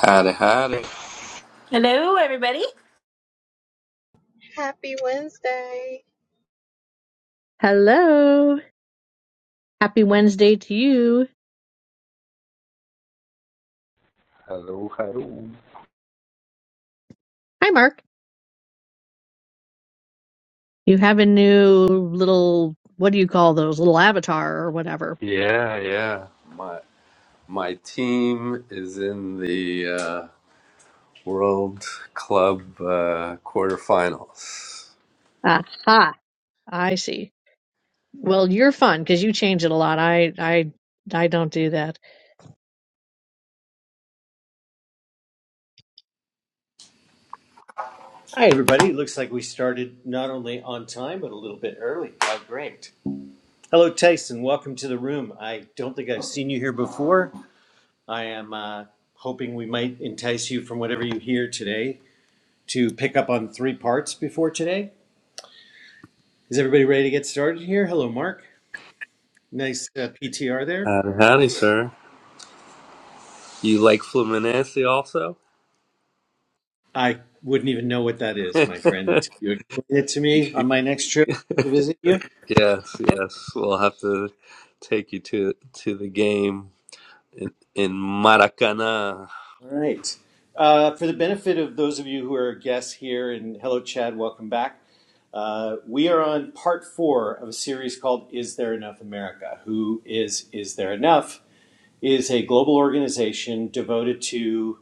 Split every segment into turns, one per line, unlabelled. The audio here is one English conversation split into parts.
Howdy, howdy.
Hello, everybody.
Happy Wednesday.
Hello. Happy Wednesday to you.
Hello, hello.
Hi, Mark. You have a new little, what do you call those? Little avatar or whatever.
Yeah, yeah. My my team is in the uh, World Club uh, quarterfinals.
Aha. I see. Well, you're fun because you change it a lot. I, I, I don't do that.
Hi, everybody. It looks like we started not only on time, but a little bit early. How great. Hello, Tyson. Welcome to the room. I don't think I've seen you here before. I am uh, hoping we might entice you from whatever you hear today to pick up on three parts before today. Is everybody ready to get started here? Hello, Mark. Nice uh, PTR there.
Howdy, howdy, sir. You like Fluminense also?
I wouldn't even know what that is, my friend, until you explain it to me on my next trip to
yes,
visit you.
yes. We'll have to take you to to the game in, in Maracana.
All right. Uh, for the benefit of those of you who are guests here, and hello, Chad, welcome back. Uh, we are on part four of a series called "Is There Enough America?" Who is is there enough? is a global organization devoted to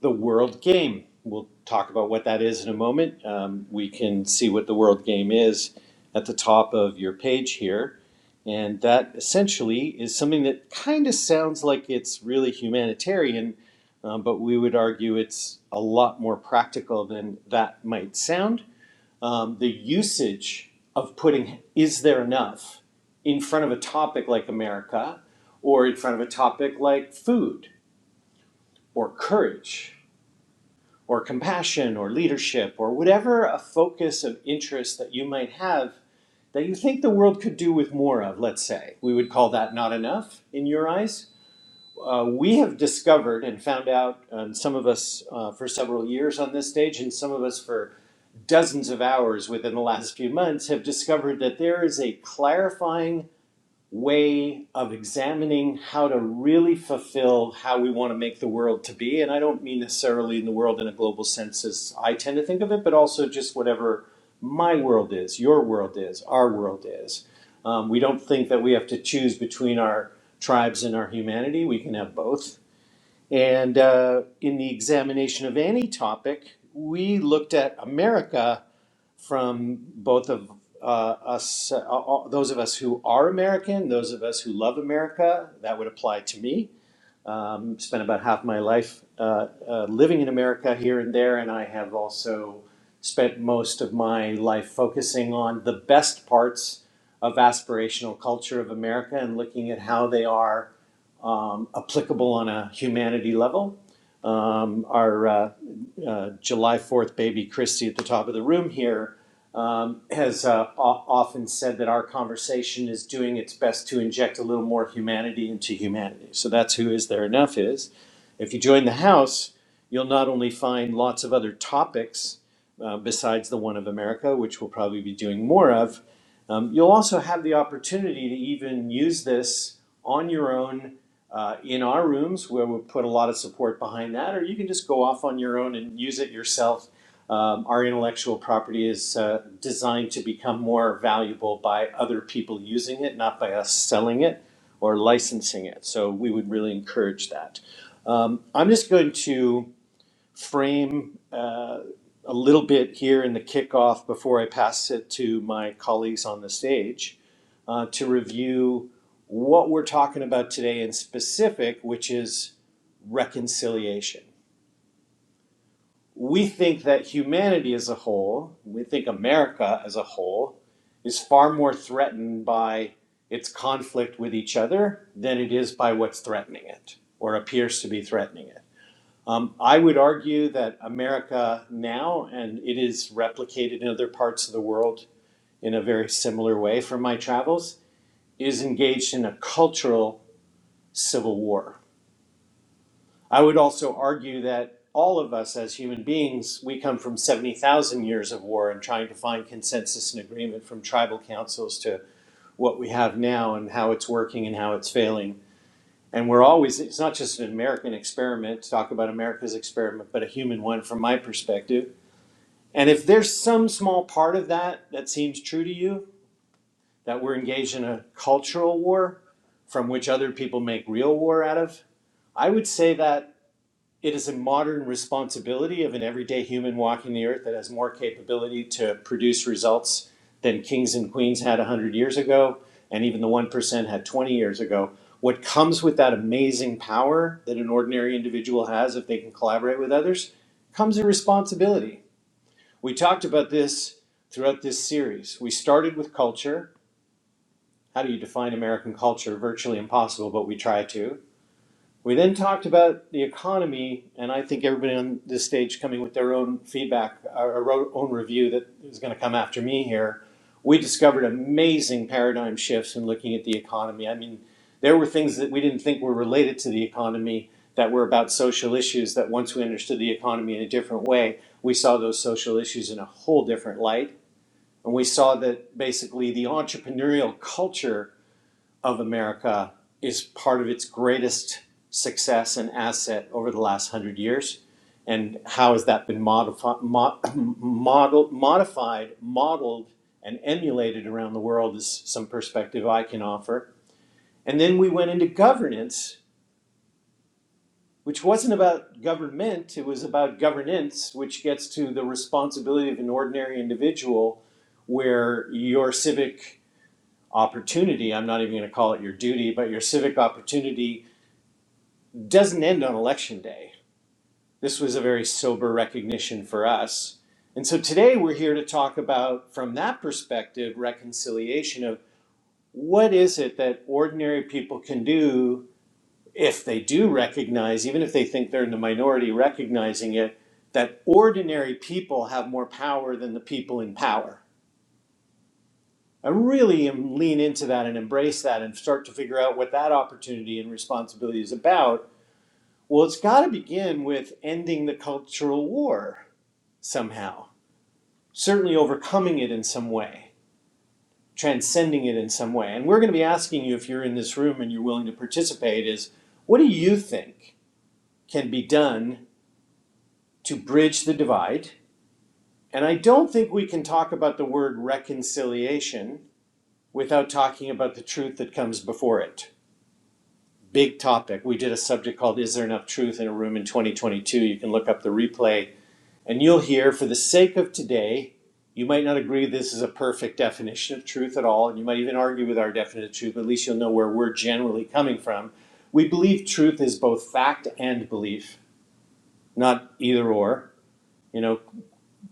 the World Game. We'll talk about what that is in a moment. Um, we can see what the World Game is at the top of your page here. And that essentially is something that kind of sounds like it's really humanitarian, um, but we would argue it's a lot more practical than that might sound um, the usage of putting is there enough in front of a topic like America or in front of a topic like food or courage or compassion or leadership or whatever a focus of interest that you might have that you think the world could do with more of, let's say. We would call that not enough in your eyes. Uh, we have discovered and found out, um, some of us uh, for several years on this stage, and some of us for dozens of hours within the last few months, have discovered that there is a clarifying way of examining how to really fulfill how we want to make the world to be. And I don't mean necessarily in the world in a global sense as I tend to think of it, but also just whatever my world is, your world is, our world is. Um, we don't think that we have to choose between our tribes and our humanity. We can have both. And uh, in the examination of any topic, we looked at America from both of uh, us, uh, all, those of us who are American, those of us who love America. That would apply to me. Um, spent about half my life uh, uh, living in America here and there, and I have also spent most of my life focusing on the best parts of aspirational culture of America and looking at how they are um, applicable on a humanity level. Um, our uh, uh, July 4th baby, Christy, at the top of the room here, um, has uh, o- often said that our conversation is doing its best to inject a little more humanity into humanity. So that's who Is There Enough is. If you join the house, you'll not only find lots of other topics uh, besides the one of America, which we'll probably be doing more of, um, you'll also have the opportunity to even use this on your own uh, in our rooms where we put a lot of support behind that, or you can just go off on your own and use it yourself. Um, our intellectual property is uh, designed to become more valuable by other people using it, not by us selling it or licensing it. So we would really encourage that. Um, I'm just going to frame uh, a little bit here in the kickoff before I pass it to my colleagues on the stage uh, to review what we're talking about today in specific, which is reconciliation. We think that humanity as a whole, we think America as a whole, is far more threatened by its conflict with each other than it is by what's threatening it or appears to be threatening it. Um, I would argue that America now, and it is replicated in other parts of the world in a very similar way from my travels, is engaged in a cultural civil war. I would also argue that all of us as human beings, we come from 70,000 years of war and trying to find consensus and agreement from tribal councils to what we have now and how it's working and how it's failing. And we're always, it's not just an American experiment to talk about America's experiment, but a human one from my perspective. And if there's some small part of that that seems true to you, that we're engaged in a cultural war from which other people make real war out of, I would say that It is a modern responsibility of an everyday human walking the earth that has more capability to produce results than kings and queens had 100 years ago, and even the 1% had 20 years ago. What comes with that amazing power that an ordinary individual has if they can collaborate with others comes a responsibility. We talked about this throughout this series. We started with culture. How do you define American culture? Virtually impossible, but we try to. We then talked about the economy, and I think everybody on this stage coming with their own feedback or or own review that is going to come after me here. We discovered amazing paradigm shifts in looking at the economy. I mean, there were things that we didn't think were related to the economy that were about social issues that once we understood the economy in a different way, we saw those social issues in a whole different light. And we saw that basically the entrepreneurial culture of America is part of its greatest success and asset over the last hundred years? And how has that been modifi- mo- model, modified, modeled, and emulated around the world is some perspective I can offer. And then we went into governance, which wasn't about government, it was about governance, which gets to the responsibility of an ordinary individual where your civic opportunity, I'm not even going to call it your duty, but your civic opportunity doesn't end on election day. This was a very sober recognition for us. And so today we're here to talk about, from that perspective, reconciliation of what is it that ordinary people can do if they do recognize, even if they think they're in the minority recognizing it, that ordinary people have more power than the people in power. I really am lean into that and embrace that and start to figure out what that opportunity and responsibility is about Well, it's got to begin with ending the cultural war somehow, certainly overcoming it in some way, transcending it in some way. And we're going to be asking you if you're in this room and you're willing to participate is what do you think can be done to bridge the divide? And I don't think we can talk about the word reconciliation without talking about the truth that comes before it. Big topic. We did a subject called Is There Enough Truth in a Room in 2022. You can look up the replay And you'll hear, for the sake of today, you might not agree this is a perfect definition of truth at all, and you might even argue with our definition of truth, but at least you'll know where we're generally coming from. We believe truth is both fact and belief, not either or. You know,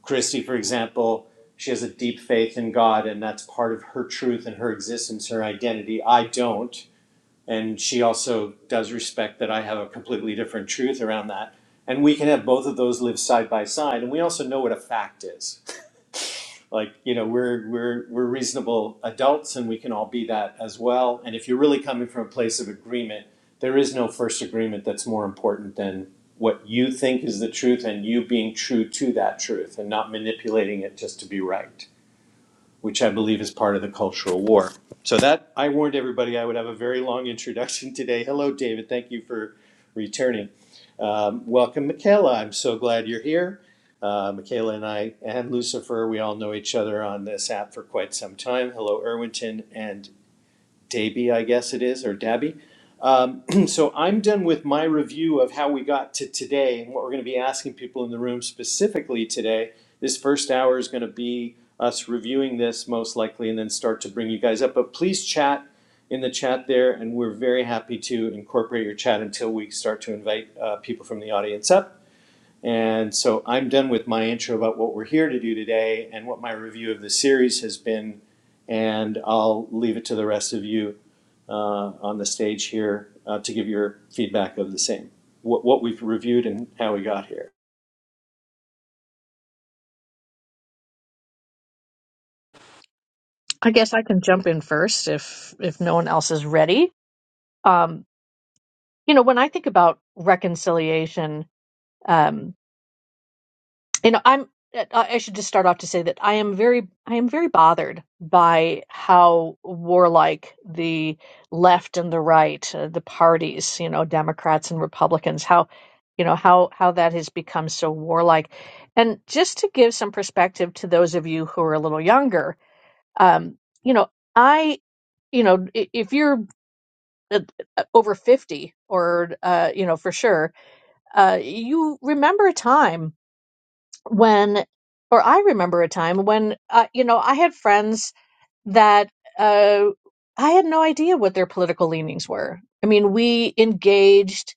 Christy, for example, she has a deep faith in God, and that's part of her truth and her existence, her identity. I don't. And she also does respect that I have a completely different truth around that. And we can have both of those live side by side. And we also know what a fact is like you know we're we're we're reasonable adults and we can all be that as well and if you're really coming from a place of agreement there is no first agreement that's more important than what you think is the truth and you being true to that truth and not manipulating it just to be right which I believe is part of the Cultural War. So that I warned everybody I would have a very long introduction today. Hello, David. Thank you for returning. Um, welcome, Michaela. I'm so glad you're here. Uh, Michaela and I and Lucifer, we all know each other on this app for quite some time. Hello, Irwinton and Daby, I guess it is, or Dabby. Um, so I'm done with my review of how we got to today and what we're going to be asking people in the room specifically today. This first hour is going to be us reviewing this most likely and then start to bring you guys up. But please chat in the chat there, and we're very happy to incorporate your chat until we start to invite uh, people from the audience up. And so I'm done with my intro about what we're here to do today and what my review of the series has been. And I'll leave it to the rest of you uh, on the stage here uh, to give your feedback of the same, what, what we've reviewed and how we got here.
I guess I can jump in first if, if no one else is ready. Um, you know, when I think about reconciliation, you know i'm i I should just start off to say that i am very i am very bothered by how warlike the left and the right uh, the parties you know democrats and republicans how you know how how that has become so warlike and just to give some perspective to those of you who are a little younger um you know i you know i- if you're uh, over 50 or uh you know for sure uh you remember a time when or I remember a time when uh, you know I had friends that uh, I had no idea what their political leanings were. I mean, we engaged,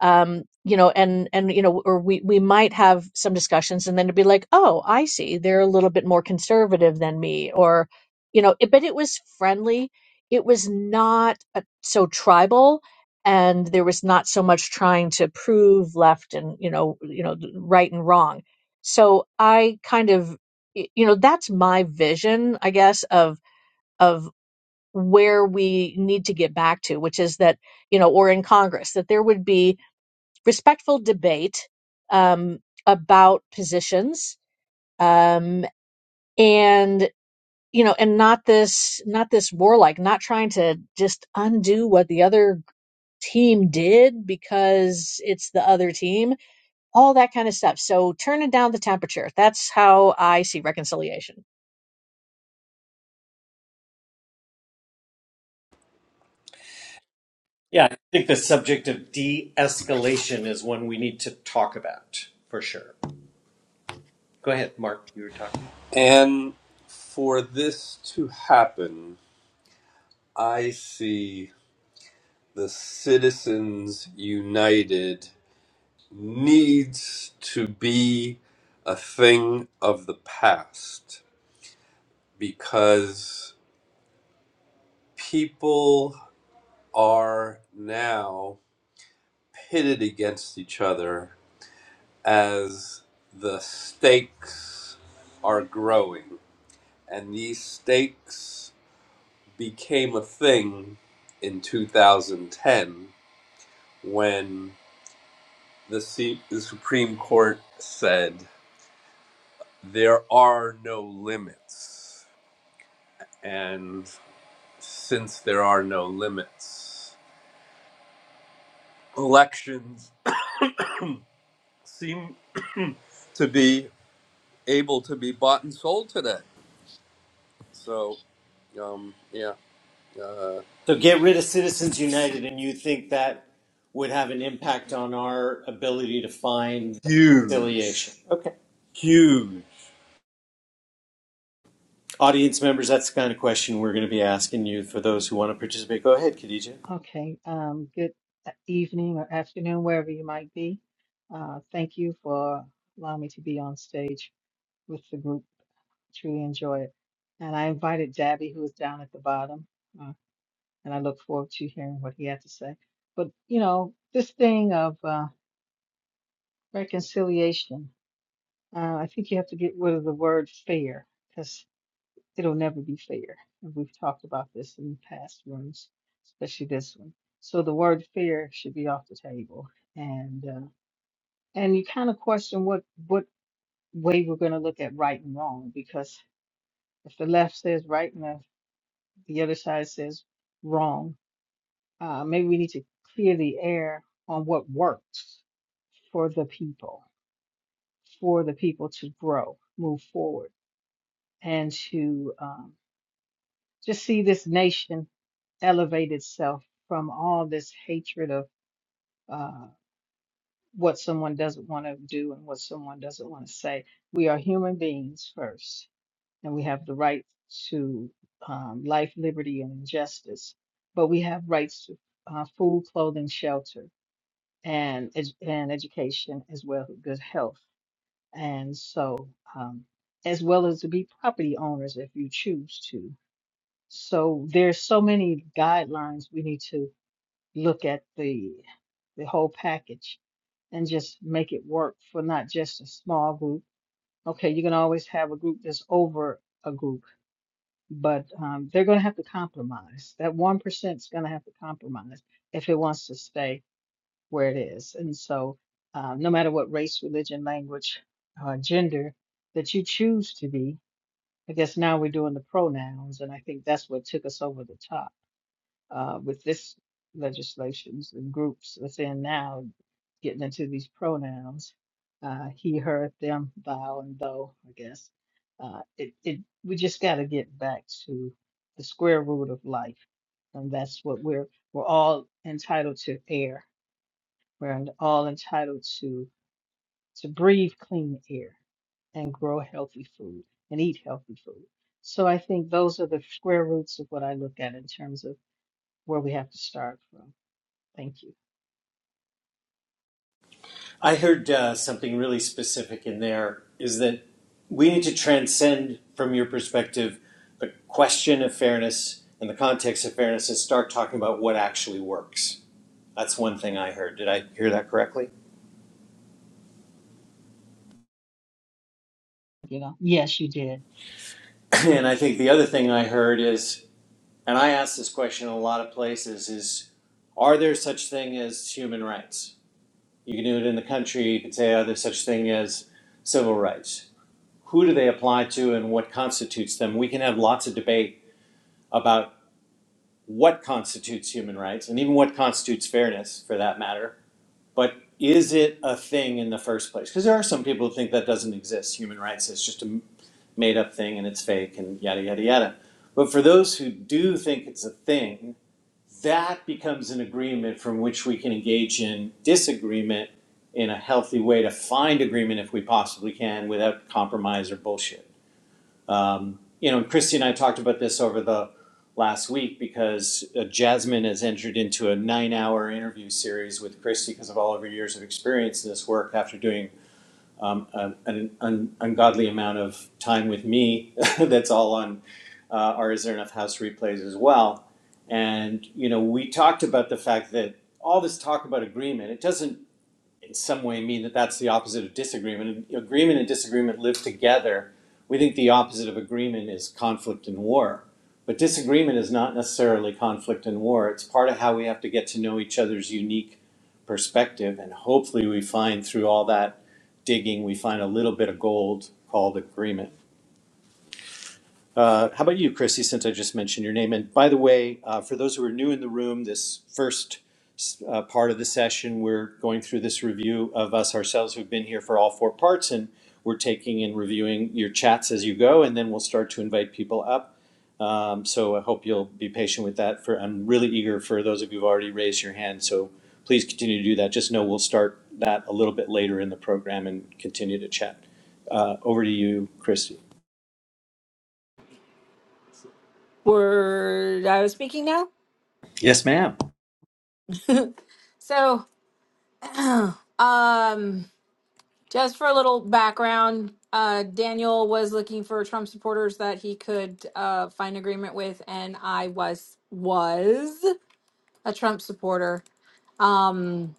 um, you know, and and you know, or we we might have some discussions, and then it'd be like, oh, I see, they're a little bit more conservative than me, or you know, it, but it was friendly. It was not uh so tribal, and there was not so much trying to prove left and you know, you know, right and wrong. So I kind of, y- you know, that's my vision, I guess, of of where we need to get back to, which is that, you know, or in Congress, that there would be respectful debate um, about positions um, and you know and not this not this warlike not trying to just undo what the other team did because it's the other team all that kind of stuff so turning down the temperature that's how i see reconciliation
Yeah, I think the subject of de escalation is one we need to talk about for sure. Go ahead, Mark. You were talking.
And for this to happen, I see. the Citizens United needs to be a thing of the past because people are now pitted against each other as the stakes are growing. And these stakes became a thing in 2010 when the, C- the Supreme Court said there are no limits. And since there are no limits, elections seem to be able to be bought and sold today. So, um, yeah, uh,
So get rid of Citizens United, and you think that would have an impact on our ability to find
huge,
reconciliation? Okay.
huge.
Audience members, that's the kind of question we're going to be asking you for those who want to participate. Go ahead, Khadija.
Okay, um, good e-, evening or afternoon, wherever you might be. Uh, thank you for allowing me to be on stage with the group. Truly enjoy it. And I invited Dabby, who is down at the bottom, uh, and I look forward to hearing what he had to say. But, you know, this thing of uh, reconciliation, uh, I think you have to get rid of the word fair because. it'll never be fair. And we've talked about this in past rooms, especially this one. So the word fair should be off the table. And uh, and you kind of question what what way we're going to look at right and wrong because if the left says right and the, the other side says wrong, uh, maybe we need to clear the air on what works for the people, for the people to grow, move forward, and to um, just see this nation elevate itself from all this hatred of uh, what someone doesn't want to do and what someone doesn't want to say. We are human beings first, and we have the right to um, life, liberty, and justice. But we have rights to uh, food, clothing, shelter, and edu- and education as well as good health. And so, um, as well as to be property owners if you choose to. So there's so many guidelines we need to look at the the whole package and just make it work for not just a small group. Okay, you can always have a group that's over a group, but um, they're going to have to compromise. That 1% is going to have to compromise if it wants to stay where it is. And so, uh, no matter what race, religion, language, uh, gender that you choose to be, I guess now we're doing the pronouns, and I think that's what took us over the top uh, with this legislations and groups within now getting into these pronouns, uh, he, her, them, thou, and thou, I guess. Uh, it, it, we just got to get back to the square root of life, and that's what we're we're all entitled to air. We're all entitled to to breathe clean air and grow healthy food and eat healthy food. So I think those are the square roots of what I look at in terms of where we have to start from. Thank you.
I heard uh, something really specific in there is that we need to transcend, from your perspective, the question of fairness and the context of fairness and start talking about what actually works. That's one thing I heard. Did I hear that correctly?
You know, yes, you did.
and I think the other thing I heard is, and I ask this question in a lot of places, is are there such thing as human rights? You can do it in the country. You could say, are there such thing as civil rights? Who do they apply to and what constitutes them? We can have lots of debate about what constitutes human rights and even what constitutes fairness for that matter. But is it a thing in the first place? Because there are some people who think that doesn't exist. Human rights is just a made up thing and it's fake and yada, yada, yada. But for those who do think it's a thing, that becomes an agreement from which we can engage in disagreement in a healthy way to find agreement if we possibly can without compromise or bullshit. Um, you know, Christy and I talked about this over the last week because uh, Jasmine has entered into a nine hour interview series with Christy because of all of her years of experience in this work after doing um, an, an ungodly amount of time with me that's all on uh, or is there enough house replays as well? And you know, we talked about the fact that all this talk about agreement it doesn't in some way mean that that's the opposite of disagreement. Agreement and disagreement live together. We think the opposite of agreement is conflict and war, but disagreement is not necessarily conflict and war. It's part of how we have to get to know each other's unique perspective, and hopefully, we find through all that digging, we find a little bit of gold called agreement. Uh, How about you, Chrissy, since I just mentioned your name? And by the way, uh, for those who are new in the room, this first uh, part of the session, we're going through this review of us ourselves who've been here for all four parts, and we're taking and reviewing your chats as you go, and then we'll start to invite people up. Um, So I hope you'll be patient with that. For I'm really eager for those of you who've already raised your hand, so please continue to do that. Just know we'll start that a little bit later in the program and continue to chat. Uh, Over to you, Christy.
Word, I was speaking now.
Yes, ma'am.
So, um, just for a little background, uh, Daniel was looking for Trump supporters that he could uh, find agreement with, and I was was a Trump supporter. Um,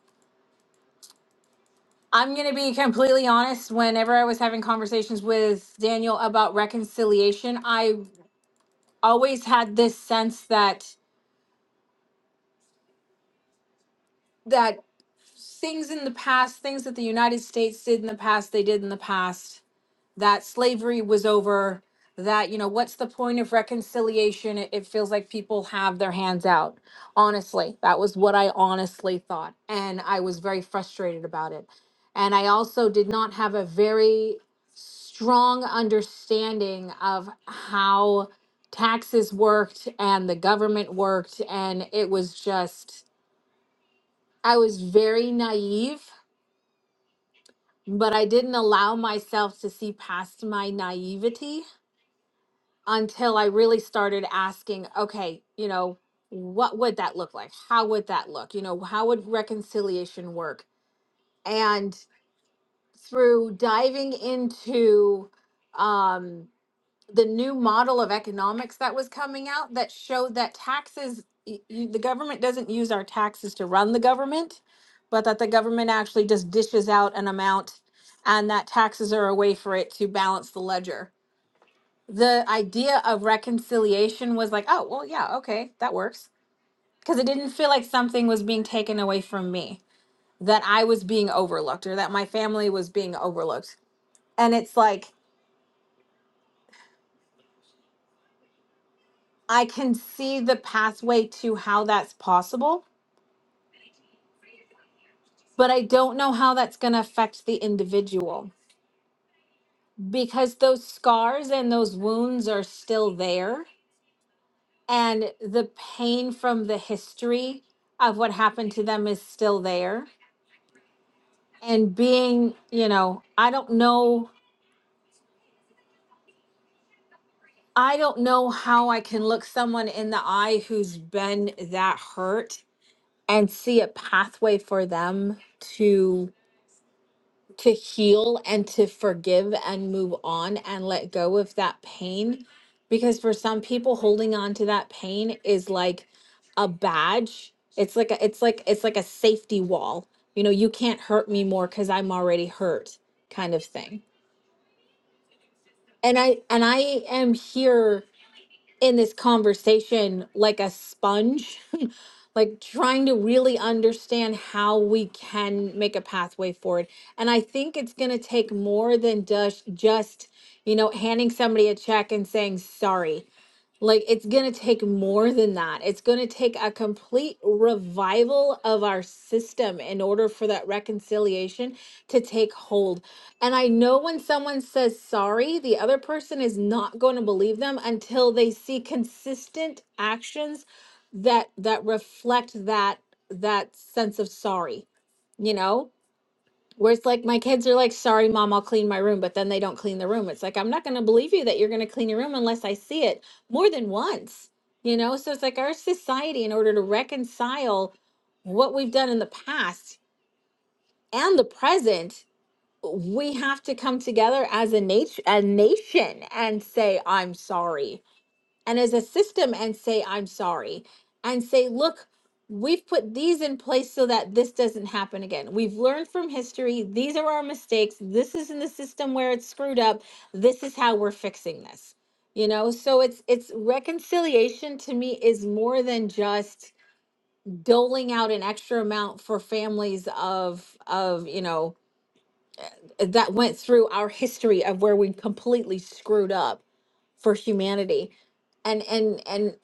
I'm going to be completely honest. Whenever I was having conversations with Daniel about reconciliation, I always had this sense that that things in the past, things that the United States did in the past, they did in the past, that slavery was over, that, you know, what's the point of reconciliation? It, it feels like people have their hands out. Honestly, that was what I honestly thought. And I was very frustrated about it. And I also did not have a very strong understanding of how taxes worked and the government worked. And it was just, I was very naive but I didn't allow myself to see past my naivety until I really started asking, okay, you know, what would that look like? How would that look? You know, how would reconciliation work? And through diving into um the new model of economics that was coming out that showed that taxes y- you, the government doesn't use our taxes to run the government but that the government actually just dishes out an amount and that taxes are a way for it to balance the ledger the idea of reconciliation was like oh well yeah okay that works because it didn't feel like something was being taken away from me that i was being overlooked or that my family was being overlooked and it's like i can see the pathway to how that's possible but I don't know how that's going to affect the individual because those scars and those wounds are still there. And the pain from the history of what happened to them is still there. And being, you know, I don't know. I don't know how I can look someone in the eye who's been that hurt and see a pathway for them to. to heal and to forgive and move on and let go of that pain. Because for some people, holding on to that pain is like a badge. It's like a, it's like it's like a safety wall. You know, you can't hurt me more because I'm already hurt, kind of thing. And I and I am here in this conversation like a sponge, like trying to really understand how we can make a pathway forward. And I think it's going to take more than just, just, you know, handing somebody a check and saying sorry. Like it's going to take more than that. It's going to take a complete revival of our system in order for that reconciliation to take hold. And I know when someone says sorry, the other person is not going to believe them until they see consistent actions that that reflect that that sense of sorry, you know? Where it's like my kids are like, sorry, mom, I'll clean my room, but then they don't clean the room. It's like, I'm not going to believe you that you're going to clean your room unless I see it more than once, you know? So it's like our society, in order to reconcile what we've done in the past and the present, we have to come together as a, nat- a nation and say, I'm sorry and as a system and say, I'm sorry, and say, look, we've put these in place so that this doesn't happen again. We've learned from history. These are our mistakes. This is in the system where it's screwed up. This is how we're fixing this. You know, so it's it's reconciliation to me is more than just doling out an extra amount for families of of, you know, that went through our history of where we completely screwed up for humanity and and and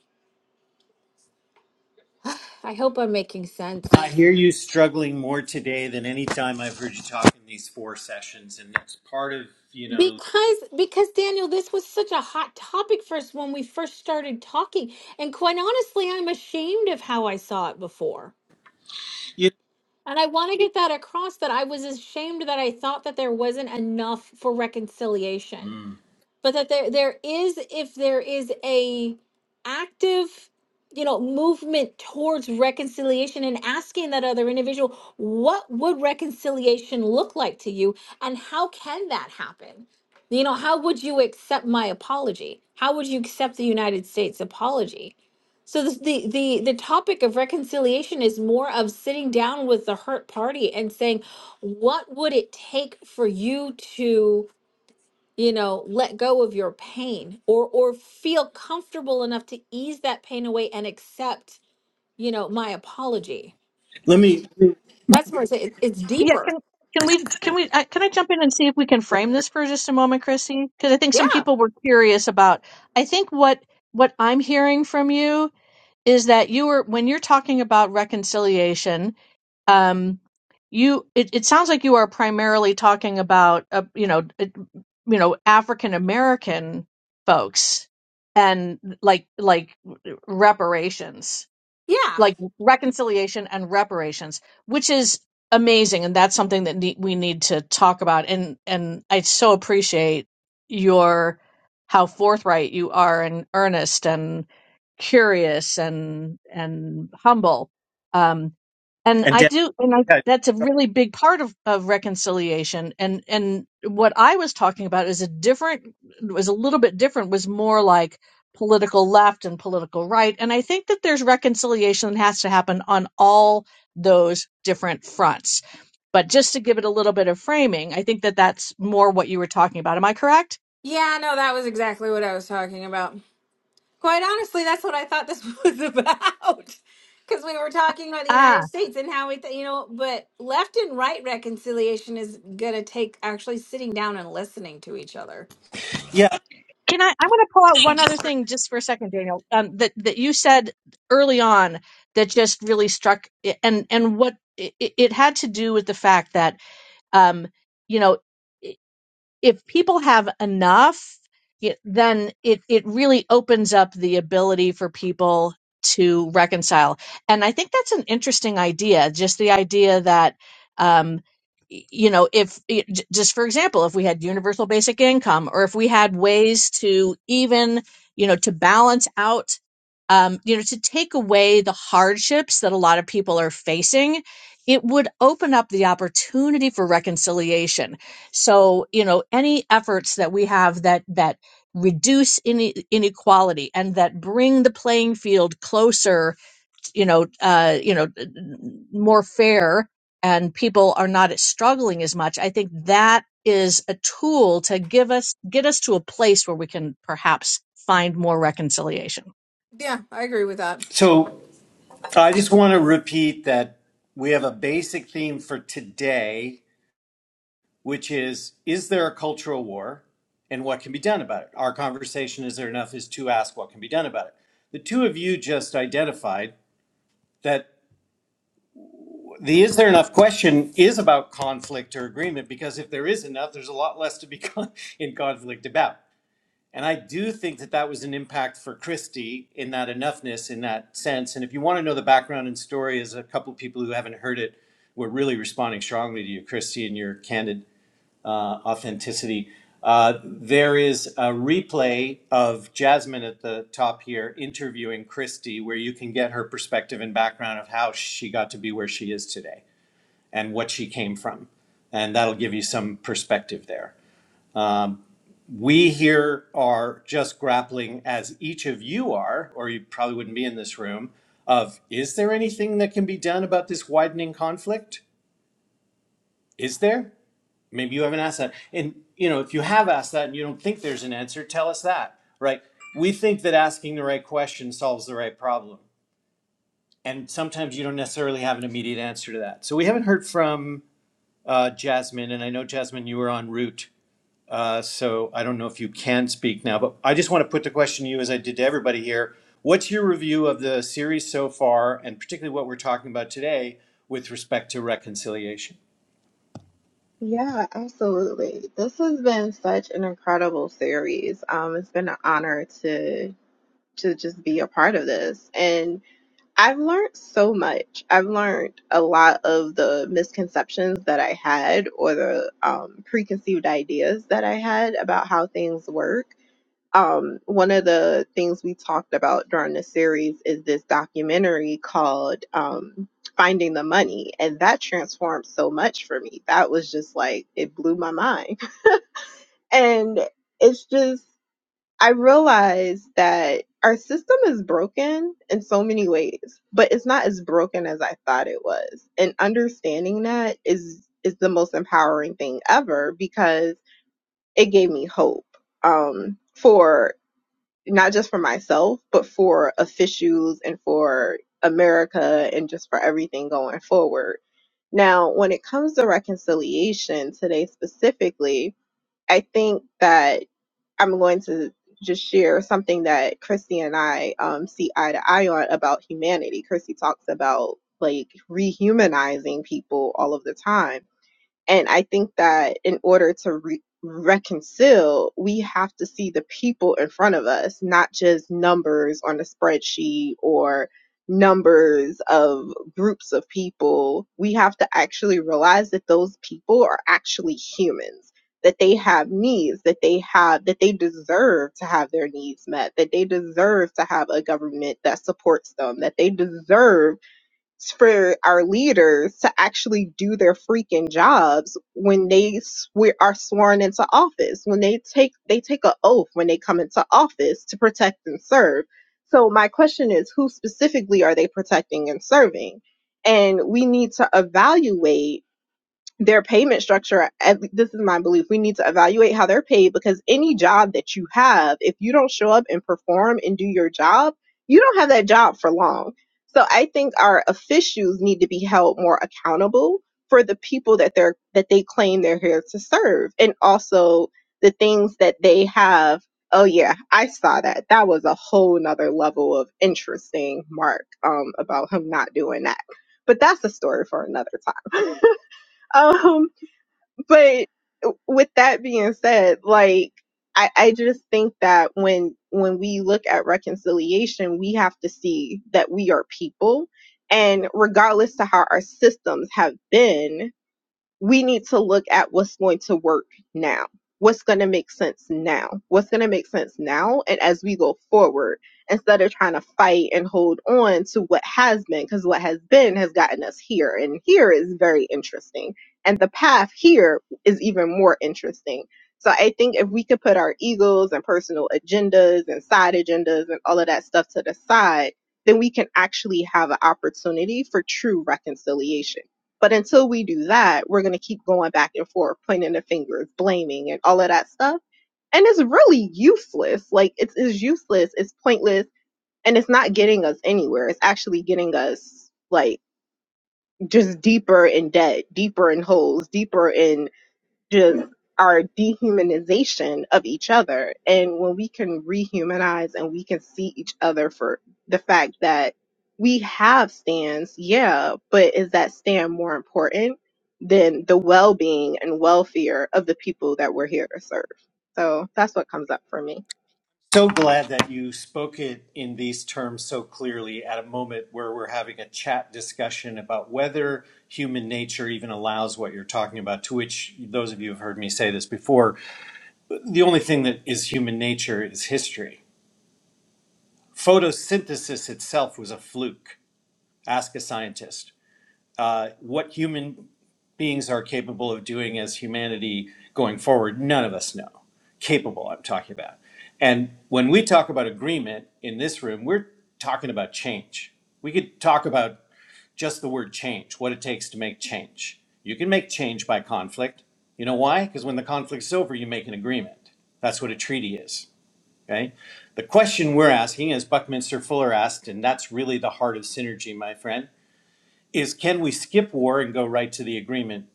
I hope I'm making sense.
I hear you struggling more today than any time I've heard you talk in these four sessions, and that's part of you know.
Because because Daniel, this was such a hot topic for us when we first started talking. And quite honestly, I'm ashamed of how I saw it before.
You,
And I want to get that across that I was ashamed that I thought that there wasn't enough for reconciliation.
Mm.
but that there there is if there is a active you know movement towards reconciliation and asking that other individual what would reconciliation look like to you and how can that happen you know how would you accept my apology how would you accept the united states apology so this, the the the topic of reconciliation is more of sitting down with the hurt party and saying what would it take for you to you know let go of your pain or or feel comfortable enough to ease that pain away and accept you know my apology
Let me
that's where it's, it- it's
Yeah,
deeper
can can we can we uh, can I jump in and see if we can frame this for just a moment, Chrissy? Because I think some
yeah
people were curious about. I think what what I'm hearing from you is that you were when you're talking about reconciliation, um, you it, it sounds like you are primarily talking about uh, you know it, you know African American folks and like like reparations
yeah
like reconciliation and reparations, which is amazing, and that's something that ne- we need to talk about. And and I so appreciate your how forthright you are and earnest, and curious and and humble um and
and
i
Dan,
do and i
yeah,
that's a really big part of of reconciliation and and what i was talking about is a different was a little bit different was more like political left and political right and i think that there's reconciliation that has to happen on all those different fronts but just to give it a little bit of framing i think that that's more what you were talking about am i correct
yeah no that was exactly what i was talking about quite honestly that's what i thought this was about because we were talking about the
ah
united states and how we th- you know but left and right reconciliation is going to take actually sitting down and listening to each other
yeah.
Can I? I want to pull out one other thing just for a second, Daniel. Um, that that you said early on that just really struck, eh, and and what it, it had to do with the fact that um, you know if people have enough, it, then it it really opens up the ability for people to reconcile. And I think that's an interesting idea. Just the idea that, um, y- you know, if y- j- just for example, if we had universal basic income, or if we had ways to even, you know, to balance out. Um, you know, to take away the hardships that a lot of people are facing, it would open up the opportunity for reconciliation so, you know, any efforts that we have that that reduce ine- inequality and that bring the playing field closer, you know, uh, you know, more fair, and people are not struggling as much. I think that is a tool to give us get us to a place where we can perhaps find more reconciliation.
Yeah, I agree with that.
So I just want to repeat that we have a basic theme for today, which is: is there a cultural war, and what can be done about it? Our conversation is there enough is to ask what can be done about it. The two of you just identified that. The is there enough question is about conflict or agreement because if there is enough, there's a lot less to be con- in conflict about. And I do think that that was an impact for Christie in that enoughness, in that sense. And if you want to know the background and story, as a couple of people who haven't heard it were really responding strongly to you, Christie, and your candid uh, authenticity. Uh, there is a replay of Jasmine at the top here interviewing Christie, where you can get her perspective and background of how she got to be where she is today and what she came from. And that'll give you some perspective there. Um, we here are just grappling, as each of you are, or you probably wouldn't be in this room, of is there anything that can be done about this widening conflict? Is there? Maybe you haven't asked that. And you know, if you have asked that and you don't think there's an answer, tell us that. Right? We think that asking the right question solves the right problem. And sometimes you don't necessarily have an immediate answer to that. So we haven't heard from uh, Jasmine, and I know Jasmine, you were en route. Uh, so I don't know if you can speak now, but I just want to put the question to you as I did to everybody here. What's your review of the series so far, and particularly what we're talking about today with respect to reconciliation?
Yeah, absolutely. This has been such an incredible series. Um, it's been an honor to to just be a part of this. And I've learned so much. I've learned a lot of the misconceptions that I had or the um, preconceived ideas that I had about how things work. um, one of the things we talked about during the series is this documentary called um, Finding the Money. And that transformed so much for me. That was just like, it blew my mind. And it's just, I realized that our system is broken in so many ways, but it's not as broken as I thought it was. And understanding that is is the most empowering thing ever because it gave me hope um, for not just for myself, but for officials and for America and just for everything going forward. Now, when it comes to reconciliation today specifically, I think that I'm going to just share something that Christy and I um, see eye to eye on about humanity. Christy talks about like rehumanizing people all of the time and I think that in order to re- reconcile, we have to see the people in front of us, not just numbers on a spreadsheet or numbers of groups of people. We have to actually realize that those people are actually humans, that they have needs, that they have, that they deserve to have their needs met, that they deserve to have a government that supports them, that they deserve for our leaders to actually do their freaking jobs when they swear, are sworn into office when they take they take an oath when they come into office to protect and serve so my question is who specifically are they protecting and serving and we need to evaluate their payment structure ev- this is my belief we need to evaluate how they're paid because any job that you have if you don't show up and perform and do your job you don't have that job for long so i think our officials need to be held more accountable for the people that they're that they claim they're here to serve and also the things that they have oh yeah i saw that that was a whole nother level of interesting mark um about him not doing that but that's a story for another time um but with that being said, like I, I just think that when when we look at reconciliation, we have to see that we are people, and regardless to how our systems have been, we need to look at what's going to work now. What's going to make sense now? What's going to make sense now? And as we go forward, instead of trying to fight and hold on to what has been, because what has been has gotten us here. And here is very interesting. And the path here is even more interesting. So I think if we could put our egos and personal agendas and side agendas and all of that stuff to the side, then we can actually have an opportunity for true reconciliation but until we do that, we're going to keep going back and forth, pointing the fingers, blaming, and all of that stuff. And it's really useless. Like, it's, it's useless, it's pointless, and it's not getting us anywhere. It's actually getting us, like, just deeper in debt, deeper in holes, deeper in just our dehumanization of each other. And when we can rehumanize and we can see each other for the fact that we have stands, yeah, but is that stand more important than the well being and welfare of the people that we're here to serve? So that's what comes up for me.
So glad that you spoke it in these terms so clearly at a moment where we're having a chat discussion about whether human nature even allows what you're talking about, to which those of you who have heard me say this before, the only thing that is human nature is history photosynthesis itself was a fluke. Ask a scientist. Uh, what human beings are capable of doing as humanity going forward, none of us know. Capable, I'm talking about. And when we talk about agreement in this room, we're talking about change. We could talk about just the word change, what it takes to make change. You can make change by conflict. You know why? Because when the conflict's over, you make an agreement. That's what a treaty is. Okay. The question we're asking, as Buckminster Fuller asked, and that's really the heart of synergy, my friend, is can we skip war and go right to the agreement?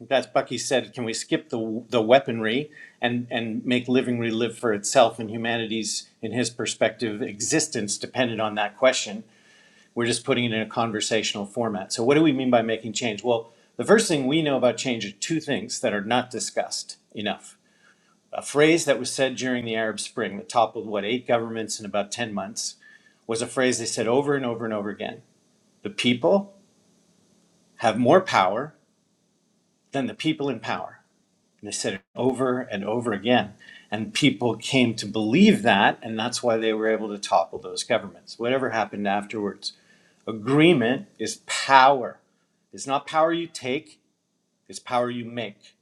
That's Bucky said, can we skip the, the weaponry and, and make living live for itself and humanity's, in his perspective, existence dependent on that question? We're just putting it in a conversational format. So, what do we mean by making change? Well, the first thing we know about change are two things that are not discussed enough a phrase that was said during the Arab Spring that toppled what eight governments in about 10 months was a phrase they said over and over and over again. The people have more power than the people in power. And they said it over and over again. And people came to believe that, and that's why they were able to topple those governments. Whatever happened afterwards, agreement is power. It's not power you take, it's power you make.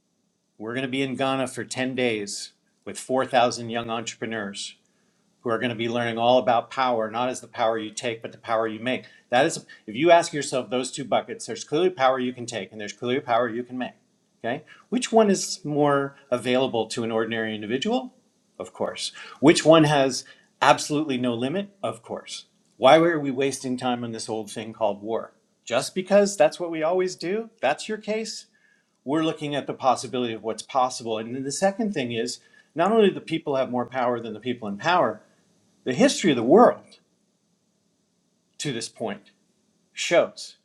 We're going to be in Ghana for 10 days with 4,000 young entrepreneurs who are going to be learning all about power, not as the power you take, but the power you make. That is, if you ask yourself those two buckets, there's clearly power you can take and there's clearly power you can make. Okay? Which one is more available to an ordinary individual? Of course. Which one has absolutely no limit? Of course. Why are we wasting time on this old thing called war? Just because that's what we always do? That's your case? We're looking at the possibility of what's possible. And then the second thing is not only do the people have more power than the people in power, the history of the world to this point shows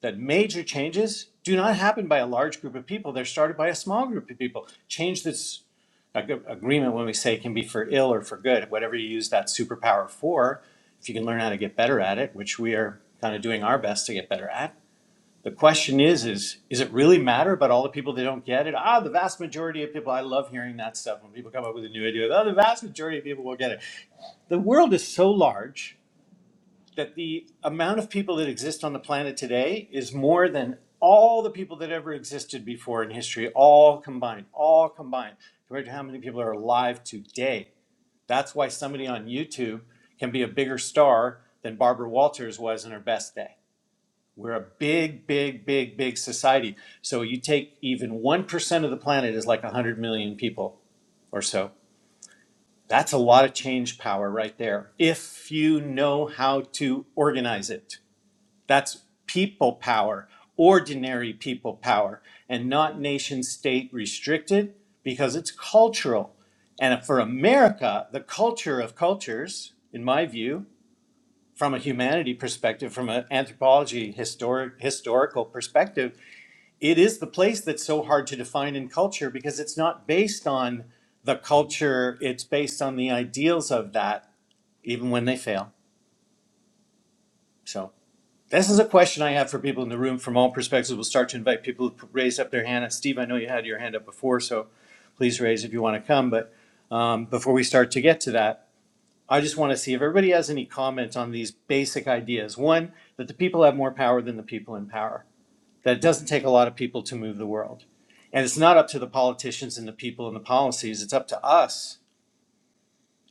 that major changes do not happen by a large group of people. They're started by a small group of people. Change that's agreement, when we say, can be for ill or for good, whatever you use that superpower for. If you can learn how to get better at it, which we are kind of doing our best to get better at. The question is, is is it really matter about all the people that don't get it? Ah, the vast majority of people, I love hearing that stuff when people come up with a new idea. Oh, the vast majority of people will get it. The world is so large that the amount of people that exist on the planet today is more than all the people that ever existed before in history, all combined, all combined, compared to how many people are alive today. That's why somebody on YouTube can be a bigger star than Barbara Walters was in her best day. We're a big, big, big, big society. So you take even 1% of the planet is like 100 million people or so. That's a lot of change power right there if you know how to organize it. That's people power, ordinary people power, and not nation state restricted because it's cultural. And for America, the culture of cultures, in my view, from a humanity perspective, from an anthropology historic, historical perspective, it is the place that's so hard to define in culture because it's not based on the culture, it's based on the ideals of that, even when they fail. So. This is a question I have for people in the room from all perspectives. We'll start to invite people to raise up their hand. And Steve, I know you had your hand up before, so please raise if you want to come. But um, before we start to get to that, I just want to see if everybody has any comments on these basic ideas. One, that the people have more power than the people in power, that it doesn't take a lot of people to move the world. And it's not up to the politicians and the people and the policies, it's up to us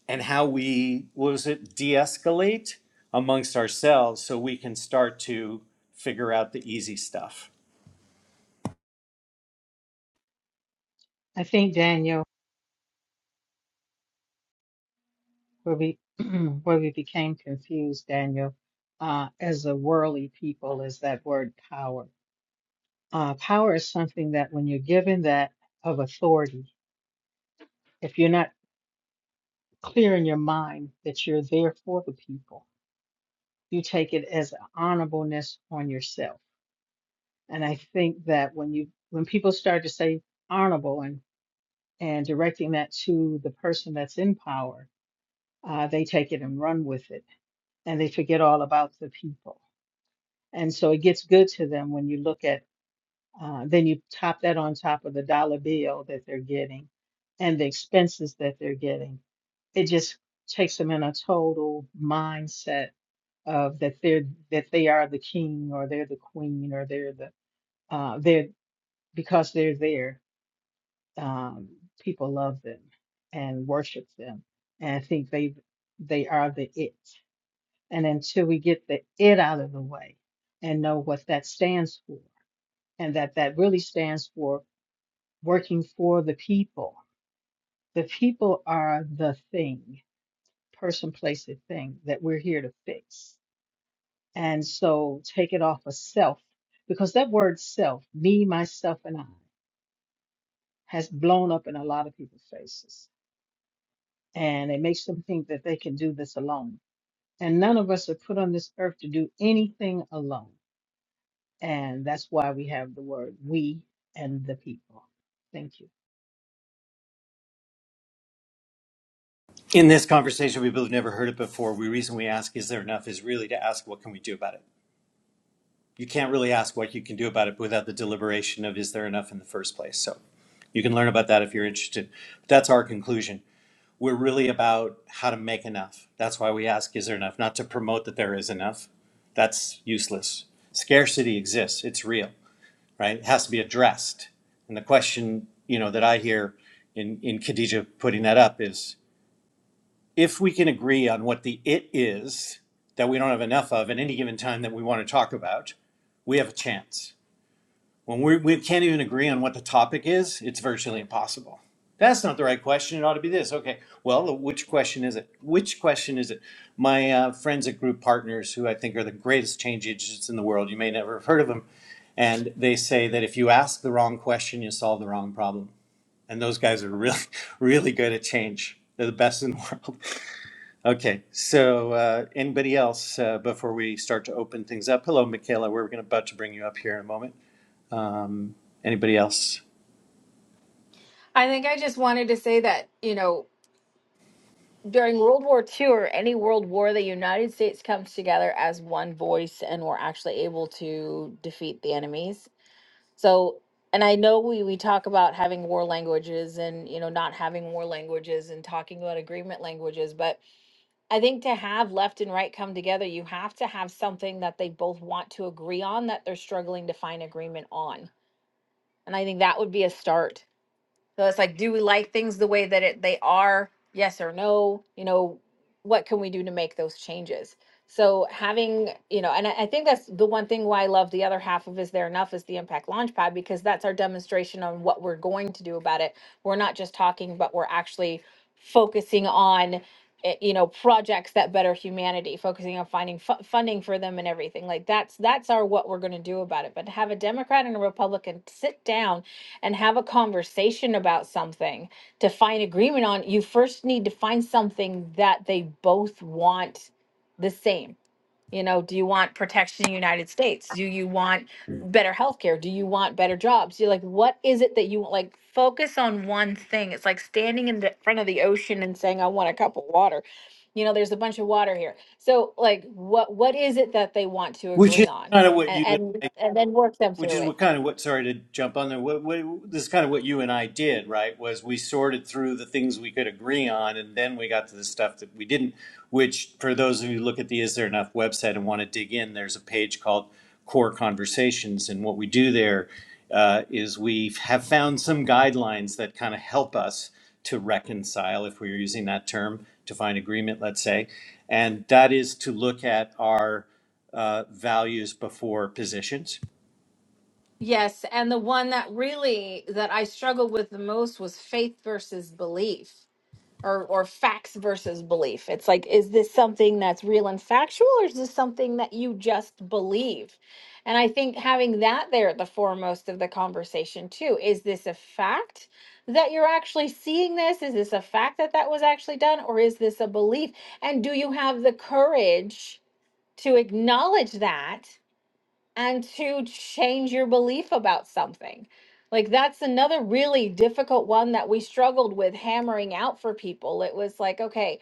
and how we what was it de-escalate amongst ourselves so we can start to figure out the easy stuff
I think Daniel, where we where we became confused, Daniel, uh, as a worldly people, is that word power. Uh, power is something that when you're given that of authority, if you're not clear in your mind that you're there for the people, you take it as an honorableness on yourself. And I think that when you when people start to say honorable and and directing that to the person that's in power, uh, they take it and run with it and they forget all about the people. And so it gets good to them when you look at, uh, then you top that on top of the dollar bill that they're getting and the expenses that they're getting. It just takes them in a total mindset of that they're that they are the king or they're the queen or they're the uh, they're because they're there. Um, people love them and worship them and think they they are the it. And until we get the it out of the way and know what that stands for, and that that really stands for working for the people. The people are the thing, person, place, the thing that we're here to fix. And so take it off of self, because that word self, me, myself, and I, has blown up in a lot of people's faces. And it makes them think that they can do this alone. And none of us are put on this earth to do anything alone And that's why we have the word we and the people. Thank you.
in this conversation people have never heard it before the reason we ask is there enough is really to ask what can we do about it you can't really ask what you can do about it without the deliberation of is there enough in the first place so you can learn about that if you're interested but that's our conclusion we're really about how to make enough that's why we ask is there enough not to promote that there is enough that's useless scarcity exists it's real right? It has to be addressed. And the question, you know, that I hear in, in Khadija putting that up is if we can agree on what the it is that we don't have enough of at any given time that we want to talk about, we have a chance. When we, we can't even agree on what the topic is, it's virtually impossible. That's not the right question. It ought to be this. Okay. Well, which question is it? Which question is it? My uh, friends at Group Partners, who I think are the greatest change agents in the world, you may never have heard of them, and they say that if you ask the wrong question, you solve the wrong problem. And those guys are really, really good at change. They're the best in the world. Okay. So, uh, anybody else uh, before we start to open things up? Hello, Michaela. We're going to about to bring you up here in a moment. Um, anybody else?
I think I just wanted to say that, you know, during World War II or any world war, the United States comes together as one voice and we're actually able to defeat the enemies. So, and I know we, we talk about having war languages and, you know, not having war languages and talking about agreement languages, but I think to have left and right come together, you have to have something that they both want to agree on that they're struggling to find agreement on. And I think that would be a start. So it's like, do we like things the way that it, they are? Yes or no? You know, what can we do to make those changes? So having, you know, and I, I think that's the one thing why I love the other half of Is There Enough is the Impact Launchpad because that's our demonstration on what we're going to do about it. We're not just talking, but we're actually focusing on, eh, you know, projects that better humanity, focusing on finding fu- funding for them and everything. Like that's, that's our what we're going to do about it. But to have a Democrat and a Republican sit down and have a conversation about something to find agreement on, you first need to find something that they both want the same. You know, do you want protection in the United States? Do you want better healthcare? Do you want better jobs? You're like, what is it that you want? Like, focus on one thing. It's like standing in the front of the ocean and saying, I want a cup of water. You know, there's a bunch of water here. So, like, what what is it that they want to
Which
agree
is
on?
kind of what
And
you and I
and, and then work them
which
through
is
it.
what kind of what sorry to jump on there what, what this is kind of what you and i did right was we sorted through the things we could agree on and then we got to the stuff that we didn't which for those of you who look at the is there enough website and want to dig in there's a page called core conversations and what we do there uh, is we have found some guidelines that kind of help us to reconcile if we're using that term to find agreement let's say and that is to look at our uh, values before positions
Yes, and the one that really that I struggled with the most was faith versus belief or or facts versus belief. It's like is this something that's real and factual or is this something that you just believe? And I think having that there at the foremost of the conversation too, is this a fact that you're actually seeing this? Is this a fact that that was actually done or is this a belief? And do you have the courage to acknowledge that? and to change your belief about something. Like that's another really difficult one that we struggled with hammering out for people. It was like, okay,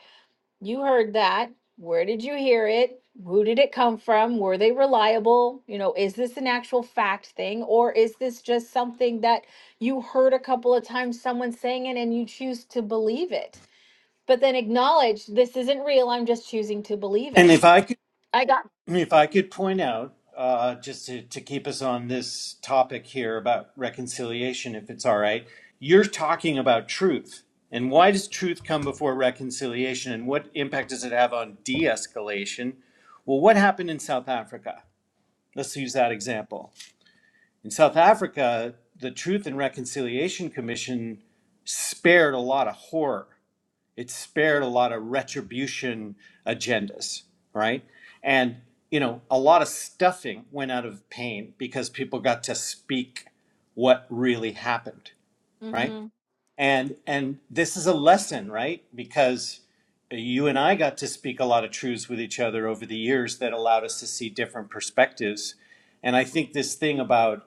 you heard that. Where did you hear it? Who did it come from? Were they reliable? You know, is this an actual fact thing or is this just something that you heard a couple of times someone saying it and you choose to believe it? But then acknowledge this isn't real. I'm just choosing to believe
And
it.
if I could,
I got.
if I could point out, uh, just to, to keep us on this topic here about reconciliation, if it's all right, you're talking about truth. And why does truth come before reconciliation? And what impact does it have on de escalation? Well, what happened in South Africa? Let's use that example. In South Africa, the Truth and Reconciliation Commission spared a lot of horror it spared a lot of retribution agendas, right? And you know, a lot of stuffing went out of pain because people got to speak what really happened, right?
Mhm.
And and this is a lesson, right? Because you and I got to speak a lot of truths with each other over the years that allowed us to see different perspectives. And I think this thing about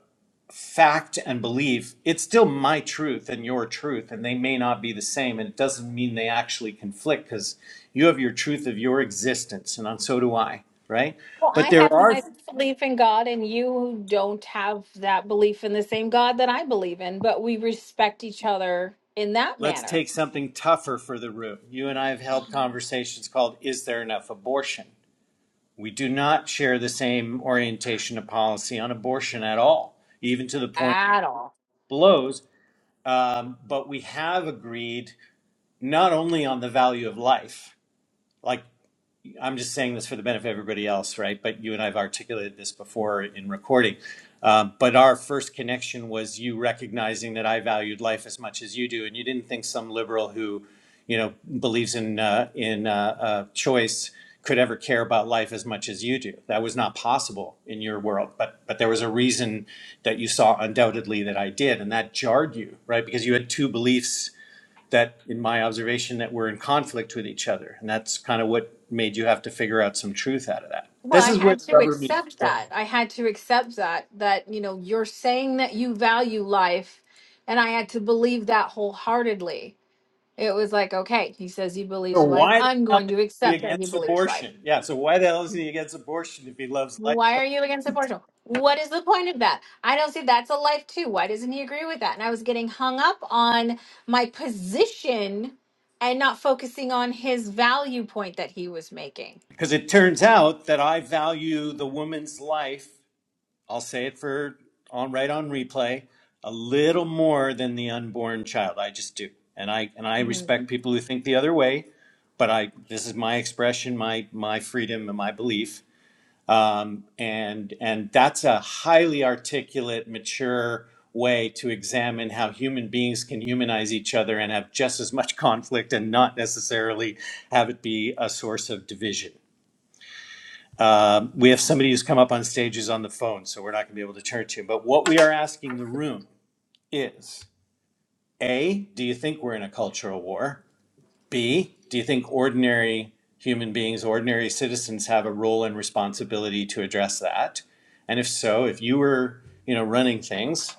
fact and belief, it's still my truth and your truth, and they may not be the same. And it doesn't mean they actually conflict because you have your truth of your existence, and so do I, right?
Well, I
But there
have
are,
my belief in God, and you don't have that belief in the same God that I believe in, but we respect each other in that
let's
manner
take something tougher for the room. You and I have held conversations called Is There Enough Abortion? We do not share the same orientation of policy on abortion at all, even to the point it
at all.
blows. Um, but we have agreed not only on the value of life, like I'm just saying this for the benefit of everybody else, right? But you and I have articulated this before in recording. Um, but our first connection was you recognizing that I valued life as much as you do, and you didn't think some liberal who, you know, believes in uh, in uh, uh, choice could ever care about life as much as you do. That was not possible in your world. But but there was a reason that you saw undoubtedly that I did, and that jarred you, right? Because you had two beliefs that, in my observation, that were in conflict with each other. And that's kind of what made you have to figure out some truth out of that.
Well,
This
I
is where
had
the
to
rubber meets
accept
the road.
that. I had to accept that, that, you know, you're saying that you value life, and I had to believe that wholeheartedly. It was like, okay, he says he
So
believes life.
why the
I'm
hell
going
is
to
he
accept that he
against
believes life.
abortion? Yeah, so why the hell is he against abortion if he loves life?
Why are you against abortion? What is the point of that? I don't see that's a life too. Why doesn't he agree with that? And I was getting hung up on my position and not focusing on his value point that he was making.
Because it turns out that I value the woman's life, I'll say it for on right on replay, a little more than the unborn child. I just do. And I and I respect people who think the other way, but I this is my expression, my my freedom and my belief um, and and that's a highly articulate, mature way to examine how human beings can humanize each other and have just as much conflict and not necessarily have it be a source of division. Um, we have somebody who's come up on stage who's on the phone, so we're not going to be able to turn to him. But what we are asking the room is: A, do you think we're in a cultural war? B, do you think ordinary human beings, ordinary citizens have a role and responsibility to address that? And if so, if you were, you know, running things,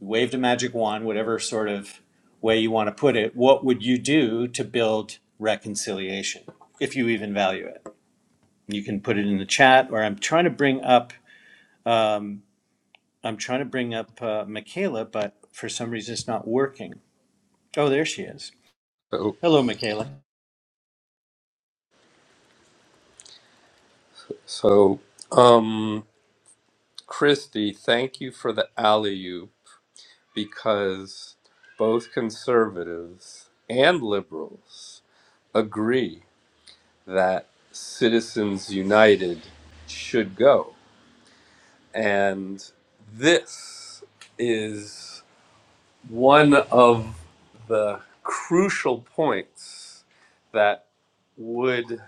you waved a magic wand, whatever sort of way you want to put it, what would you do to build reconciliation if you even value it? You can put it in the chat or I'm trying to bring up um, I'm trying to bring up uh, Michaela, but for some reason it's not working. Oh, there she is.
So,
Hello, Michaela.
so um, Christy, thank you for the alley oop because both conservatives and liberals agree that Citizens United should go. And this is one of the crucial points that would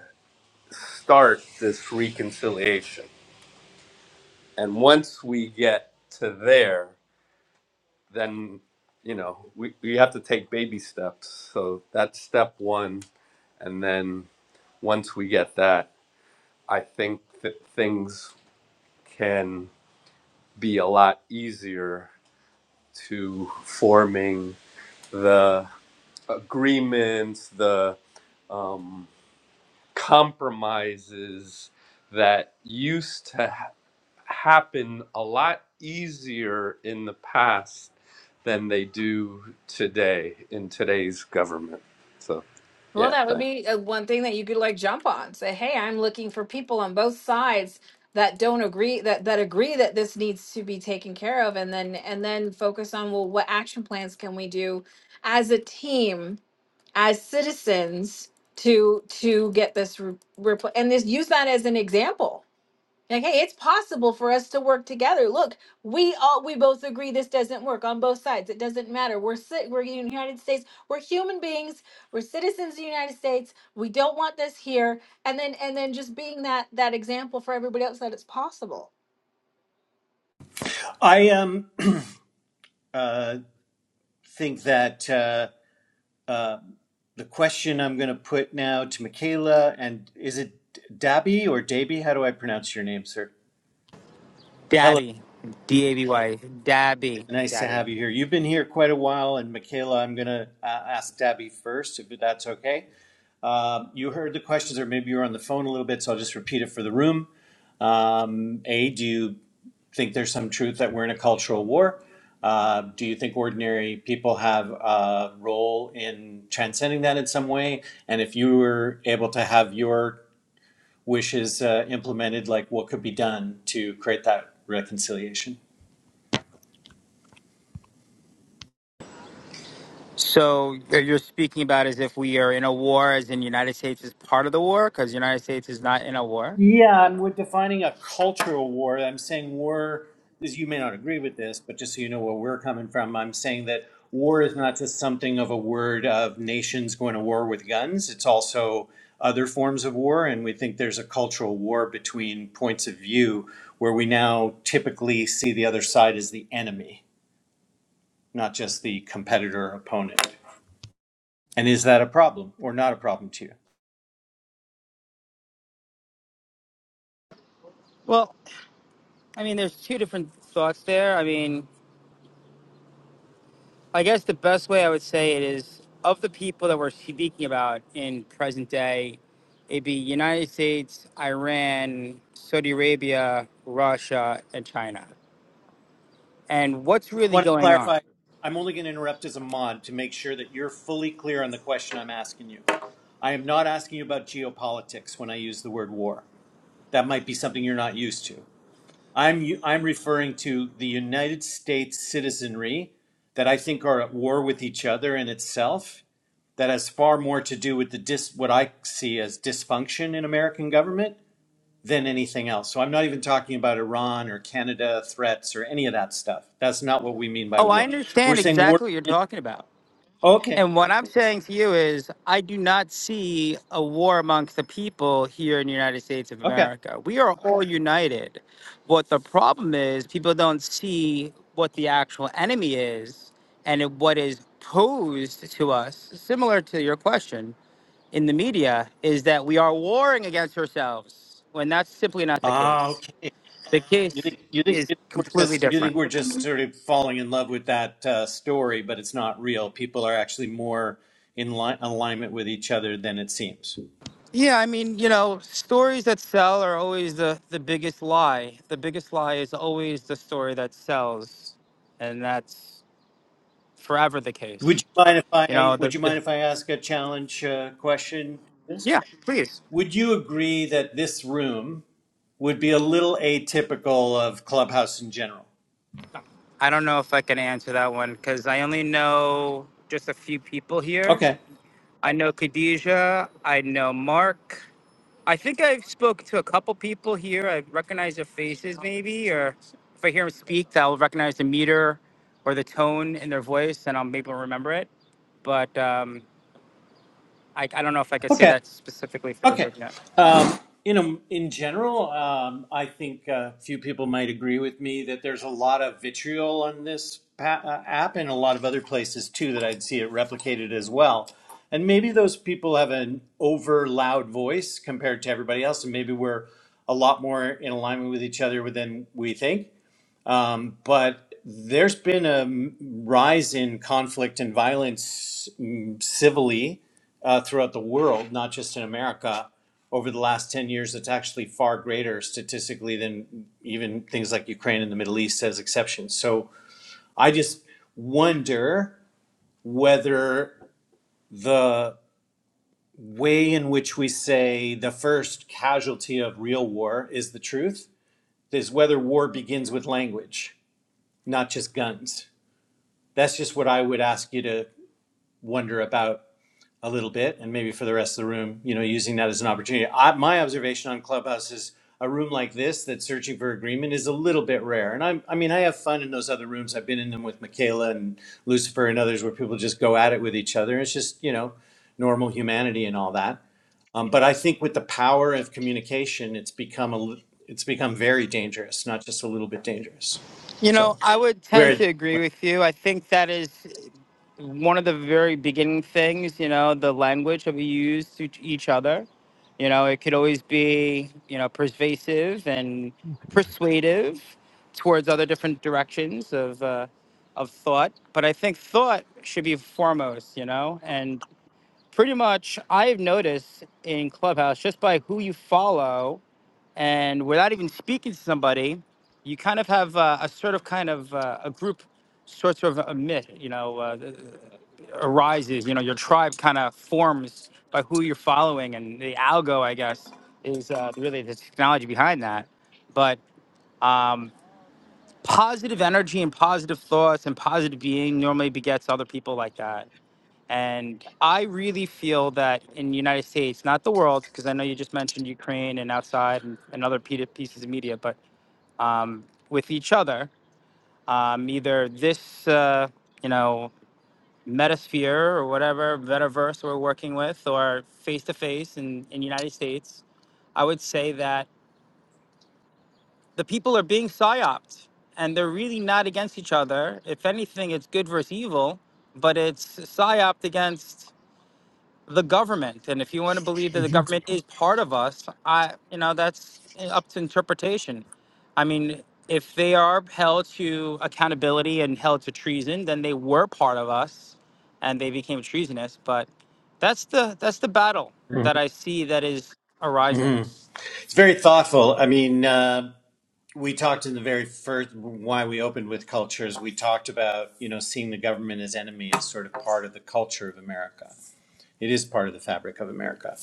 start this reconciliation. And once we get to there, then, you know, we, we have to take baby steps. So that's step one. And then once we get that, I think that things can be a lot easier to forming the agreements, the um, compromises that used to ha- happen a lot easier in the past than they do today in today's government. So,
Well,
yeah,
that would
thanks.
be uh, one thing that you could like jump on. Say, "Hey, I'm looking for people on both sides that don't agree that that agree that this needs to be taken care of," and then and then focus on well, what action plans can we do as a team, as citizens, to to get this re- repl- and this use that as an example like hey it's possible for us to work together look we all we both agree this doesn't work on both sides it doesn't matter we're ci- we're in the united states we're human beings we're citizens of the united states we don't want this here and then and then just being that that example for everybody else that it's possible
I um, uh, think that uh, uh, the question I'm going to put now to Michaela and is it Dabi or Davy? How do I pronounce your name, sir? Hello,
Dabby, D A B Y, Dabby,
nice to
Dabby.
have you here. You've been here quite a while, and Michaela, I'm going to uh, ask Dabi first, if that's okay. Um you heard the questions, or maybe you were on the phone a little bit, so I'll just repeat it for the room. Um, a, do you think there's some truth that we're in a cultural war? Uh, do you think ordinary people have a role in transcending that in some way? And if you were able to have your wishes uh, implemented, like what could be done to create that reconciliation?
So you're you're speaking about as if we are in a war, as in United States is part of the war, because United States is not in a war.
Yeah, and we're defining a cultural war. I'm saying war is, you may not agree with this, but just so you know where we're coming from, I'm saying that war is not just something of a word of nations going to war with guns. It's also other forms of war. And we think there's a cultural war between points of view where we now typically see the other side as the enemy, not just the competitor or opponent. And is that a problem or not a problem to you?
Well, I mean, there's two different thoughts there. I mean, I guess the best way I would say it is of the people that we're speaking about in present day, it'd be United States, Iran, Saudi Arabia, Russia, and China. And what's really
want to
going on?
clarify. I'm only going to interrupt as a mod to make sure that you're fully clear on the question I'm asking you. I am not asking you about geopolitics when I use the word war. That might be something you're not used to. I'm I'm referring to the United States citizenry that I think are at war with each other and itself. That has far more to do with the dis, what I see as dysfunction in American government than anything else. So I'm not even talking about Iran or Canada threats or any of that stuff. That's not what we mean by
Oh, I
war. We're
understand
saying war.
exactly what you're talking about.
Okay,
And what I'm saying to you is, I do not see a war amongst the people here in the United States of
okay,
America. We are all united. What the problem is, people don't see what the actual enemy is and it- what is posed to us, similar to your question in the media, is that we are warring against ourselves when that's simply not the
ah,
case.
okay.
The
You
case
think you think,
is
you think we're
completely
just you
different.
think we're just sort of falling in love with that uh, story, but it's not real. People are actually more in li- alignment with each other than it seems.
Yeah, I mean, you know, stories that sell are always the, the biggest lie. The biggest lie is always the story that sells. And that's forever the
Would
case.
you mind if
You know,
I would
the,
you
the
mind if I ask a challenge uh, question? Yes.
yeah, please.
Would you agree that this room? would be a little atypical of Clubhouse in general.
I don't know if I can answer that one because I only know just a few people here.
Okay.
I know Khadijah, I know Mark, I think I've spoke to a couple people here. I recognize their faces, maybe, or if I hear them speak, I'll recognize the meter or the tone in their voice, and I'll maybe remember it. But um, I, I don't know if I could say
Okay.
that specifically for the
Okay.
Virginia.
Um, you know, in general, um, I think a few people might agree with me that there's a lot of vitriol on this pa- uh, app and a lot of other places too that I'd see it replicated as well. And maybe those people have an over loud voice compared to everybody else, and maybe we're a lot more in alignment with each other than we think. but there's been a m- rise in conflict and violence mm, civilly uh, throughout the world, not just in America. Over the last 10 years, it's actually far greater statistically than even things like Ukraine and the Middle East as exceptions. So I just wonder whether the way in which we say the first casualty of real war is the truth is whether war begins with language, not just guns that's just what I would ask you to wonder about a little bit, and maybe for the rest of the room, you know, using that as an opportunity. I, my observation on Clubhouse is a room like this that's searching for agreement is a little bit rare. And I'm, I mean, I have fun in those other rooms. I've been in them with Michaela and Lucifer and others where people just go at it with each other. It's just, you know, normal humanity and all that. Um, but I think with the power of communication, it's become a, it's become very dangerous, not just a little bit dangerous.
You know,
So
I would tend
we're,
to agree with you. I think that is. one of the very beginning things, you know, the language that we use to each each other. You know, it could always be, you know, persuasive and
Mhm.
persuasive towards other different directions of uh, of thought. But I think thought should be foremost, you know, and pretty much I've noticed in Clubhouse just by who you follow and without even speaking to somebody, you kind of have uh, a sort of kind of uh, a group sort of a myth, you know. uh, arises. You know, your tribe kind of forms by who you're following, and the algo, I guess, is uh, really the technology behind that. But um, positive energy and positive thoughts and positive being normally begets other people like that. And I really feel that in the United States, not the world, because I know you just mentioned Ukraine and outside and, and other pe- pieces of media, but um, with each other, um, either this, uh, you know, Metasphere or whatever metaverse we're working with, or face to face in in United States, I would say that the people are being psyoped, and they're really not against each other. If anything, it's good versus evil, but it's psyoped against the government. And if you want to believe that the government is part of us, I you know that's up to interpretation. I mean, if they are held to accountability and held to treason, then they were part of us, and they became treasonous. But that's the that's the battle that I see that is arising.
Mhm. It's very thoughtful. I mean, uh, we talked in the very first why we opened with cultures. We talked about you know seeing the government as enemy as sort of part of the culture of America. It is part of the fabric of America.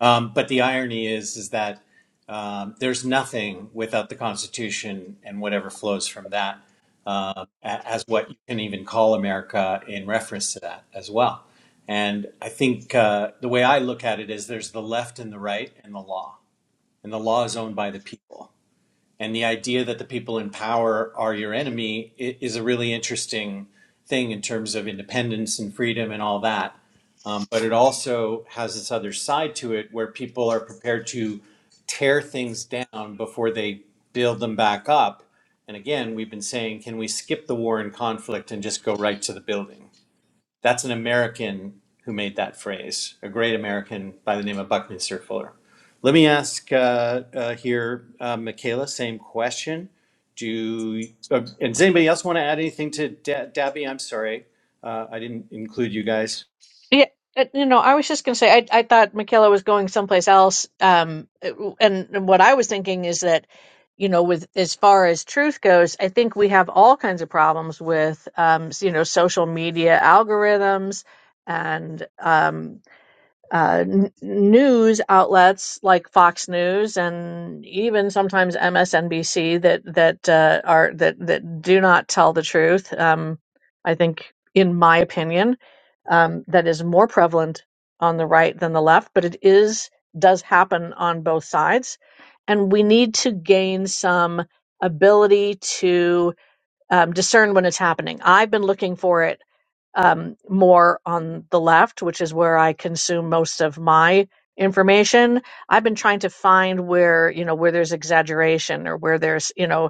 Um, but the irony is is that um, there's nothing without the Constitution and whatever flows from that uh, a- as what you can even call America in reference to that as well. And I think uh, the way I look at it is there's the left and the right and the law and the law is owned by the people. And the idea that the people in power are your enemy is a really interesting thing in terms of independence and freedom and all that. Um, but it also has this other side to it where people are prepared to tear things down before they build them back up. And again, we've been saying, can we skip the war and conflict and just go right to the building? That's an American who made that phrase, a great American by the name of Buckminster Fuller. Let me ask uh, uh, here, uh, Michaela, same question. Do uh, and does anybody else want to add anything to da- Dabby? I'm sorry, uh, I didn't include you guys.
Yeah, uh, you know, I was just going to say, I, I thought Michaela was going someplace else. Um, and, and what I was thinking is that, you know, with as far as truth goes, I think we have all kinds of problems with, um, s- you know, social media algorithms and, um uh, n- news outlets like Fox News and even sometimes MSNBC that that uh, are that that do not tell the truth. Um, I think, in my opinion, um, that is more prevalent on the right than the left, but it is does happen on both sides, and we need to gain some ability to um, discern when it's happening. I've been looking for it um, more on the left, which is where I consume most of my information. I've been trying to find where, you know, where there's exaggeration or where there's, you know,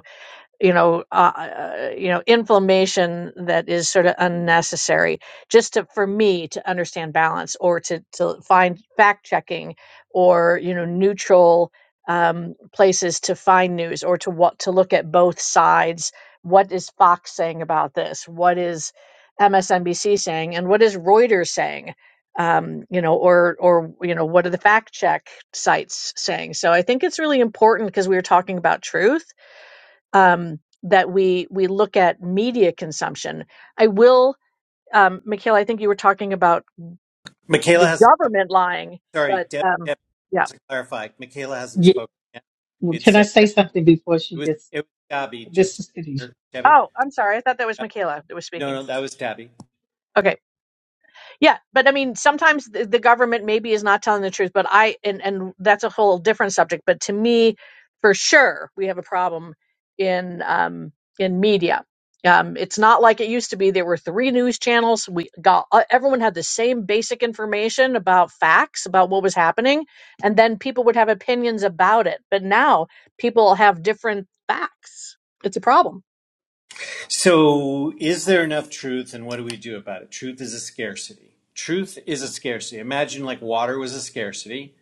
you know, uh, uh, you know, inflammation that is sort of unnecessary. Just to for me to understand balance, or to to find fact checking, or you know, neutral um, places to find news, or to what to look at both sides. What is Fox saying about this? What is MSNBC saying, and what is Reuters saying? Um, you know, or or you know, what are the fact check sites saying? So I think it's really important because we were talking about truth um, that we we look at media consumption. I will, um, Mikhail. I think you were talking about the
Michaela hasn't.
government lying,
Sorry,
but
Deb.
um,
Deb
yeah.
just to clarify, Michaela hasn't
Yeah,
spoken yet.
well, can
It's
I
uh,
say
Dab-
something before she
it was
gets?
it was Dabby.
This
Just
is Khadijah.
Debbie.
Oh, I'm sorry. I thought that was
Uh,
Michaela that was
No,
speaking.
no, that was Dabby.
Okay. Yeah, but I mean, sometimes the, the government maybe is not telling the truth, but I and and that's a whole different subject. But to me, for sure, we have a problem in um, in media. Um, it's not like it used to be. There were three news channels. We got uh, everyone had the same basic information about facts about what was happening, and then people would have opinions about it. But now people have different facts. It's a problem.
So, is there enough truth and what do we do about it? Truth is a scarcity. Truth is a scarcity. Imagine like water was a scarcity.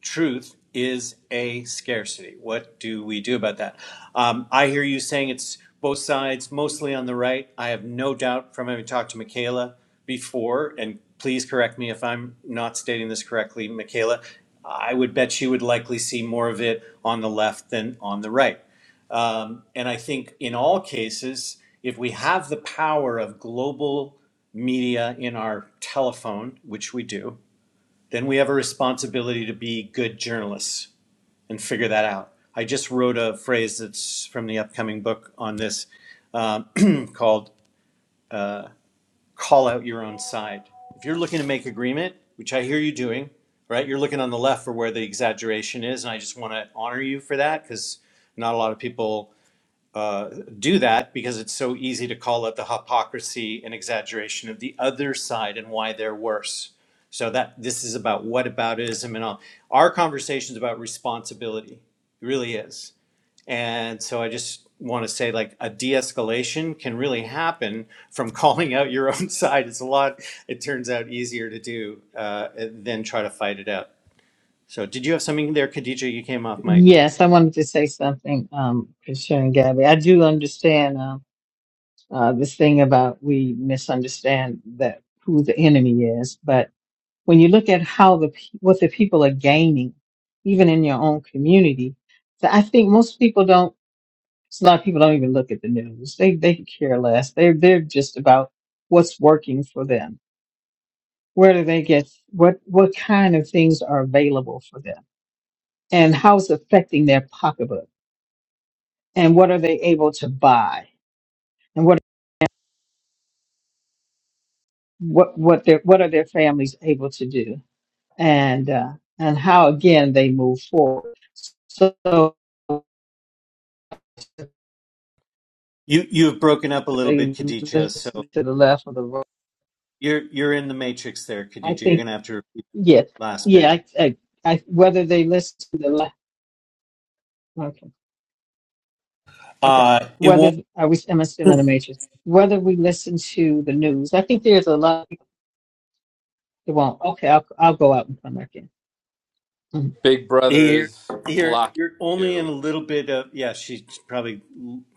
Truth is a scarcity. What do we do about that? Um, I hear you saying it's both sides, mostly on the right. I have no doubt from having talked to Michaela before, and please correct me if I'm not stating this correctly, Michaela. I would bet you would likely see more of it on the left than on the right. Um, and I think in all cases, if we have the power of global media in our telephone, which we do, then we have a responsibility to be good journalists and figure that out. I just wrote a phrase that's from the upcoming book on this called call out your own side. If you're looking to make agreement, which I hear you doing, right? You're looking on the left for where the exaggeration is, and I just want to honor you for that because not a lot of people uh, do that because it's so easy to call it the hypocrisy and exaggeration of the other side and why they're worse. So that this is about whataboutism and all. Our conversation is about responsibility. It really is. And so I just want to say like a de-escalation can really happen from calling out your own side. It's a lot, it turns out easier to do uh, than try to fight it out. So did you have something there, Khadija? You came off mic.
Yes, I wanted to say something um, concerning Gabby. I do understand um, uh, this thing about we misunderstand that who the enemy is, but when you look at how the pe- what the people are gaining, even in your own community, so I think most people don't. So a lot of people don't even look at the news. They they care less. They're they're just about what's working for them. Where do they get what what kind of things are available for them and how it's affecting their pocketbook and what are they able to buy and what what what their what are their families able to do and uh, and how again they move forward. So
You, you've broken up a little bit,
they
Khadija. So
listen to the left or the right.
You're you're in the matrix there,
I
Khadija. You're
think
gonna have to repeat
yes,
that last
yeah.
bit.
I, I, I whether they listen to the left. okay. Okay.
Uh it won't
Whether are we? Am I still in the matrix? Whether we listen to the news, I think there's a lot. Of people that won't. Okay, I'll I'll go out and come back in. Mhm.
Big Brother
you're,
is
you're
blocking
you're only in
you.
a little bit of yeah, she's probably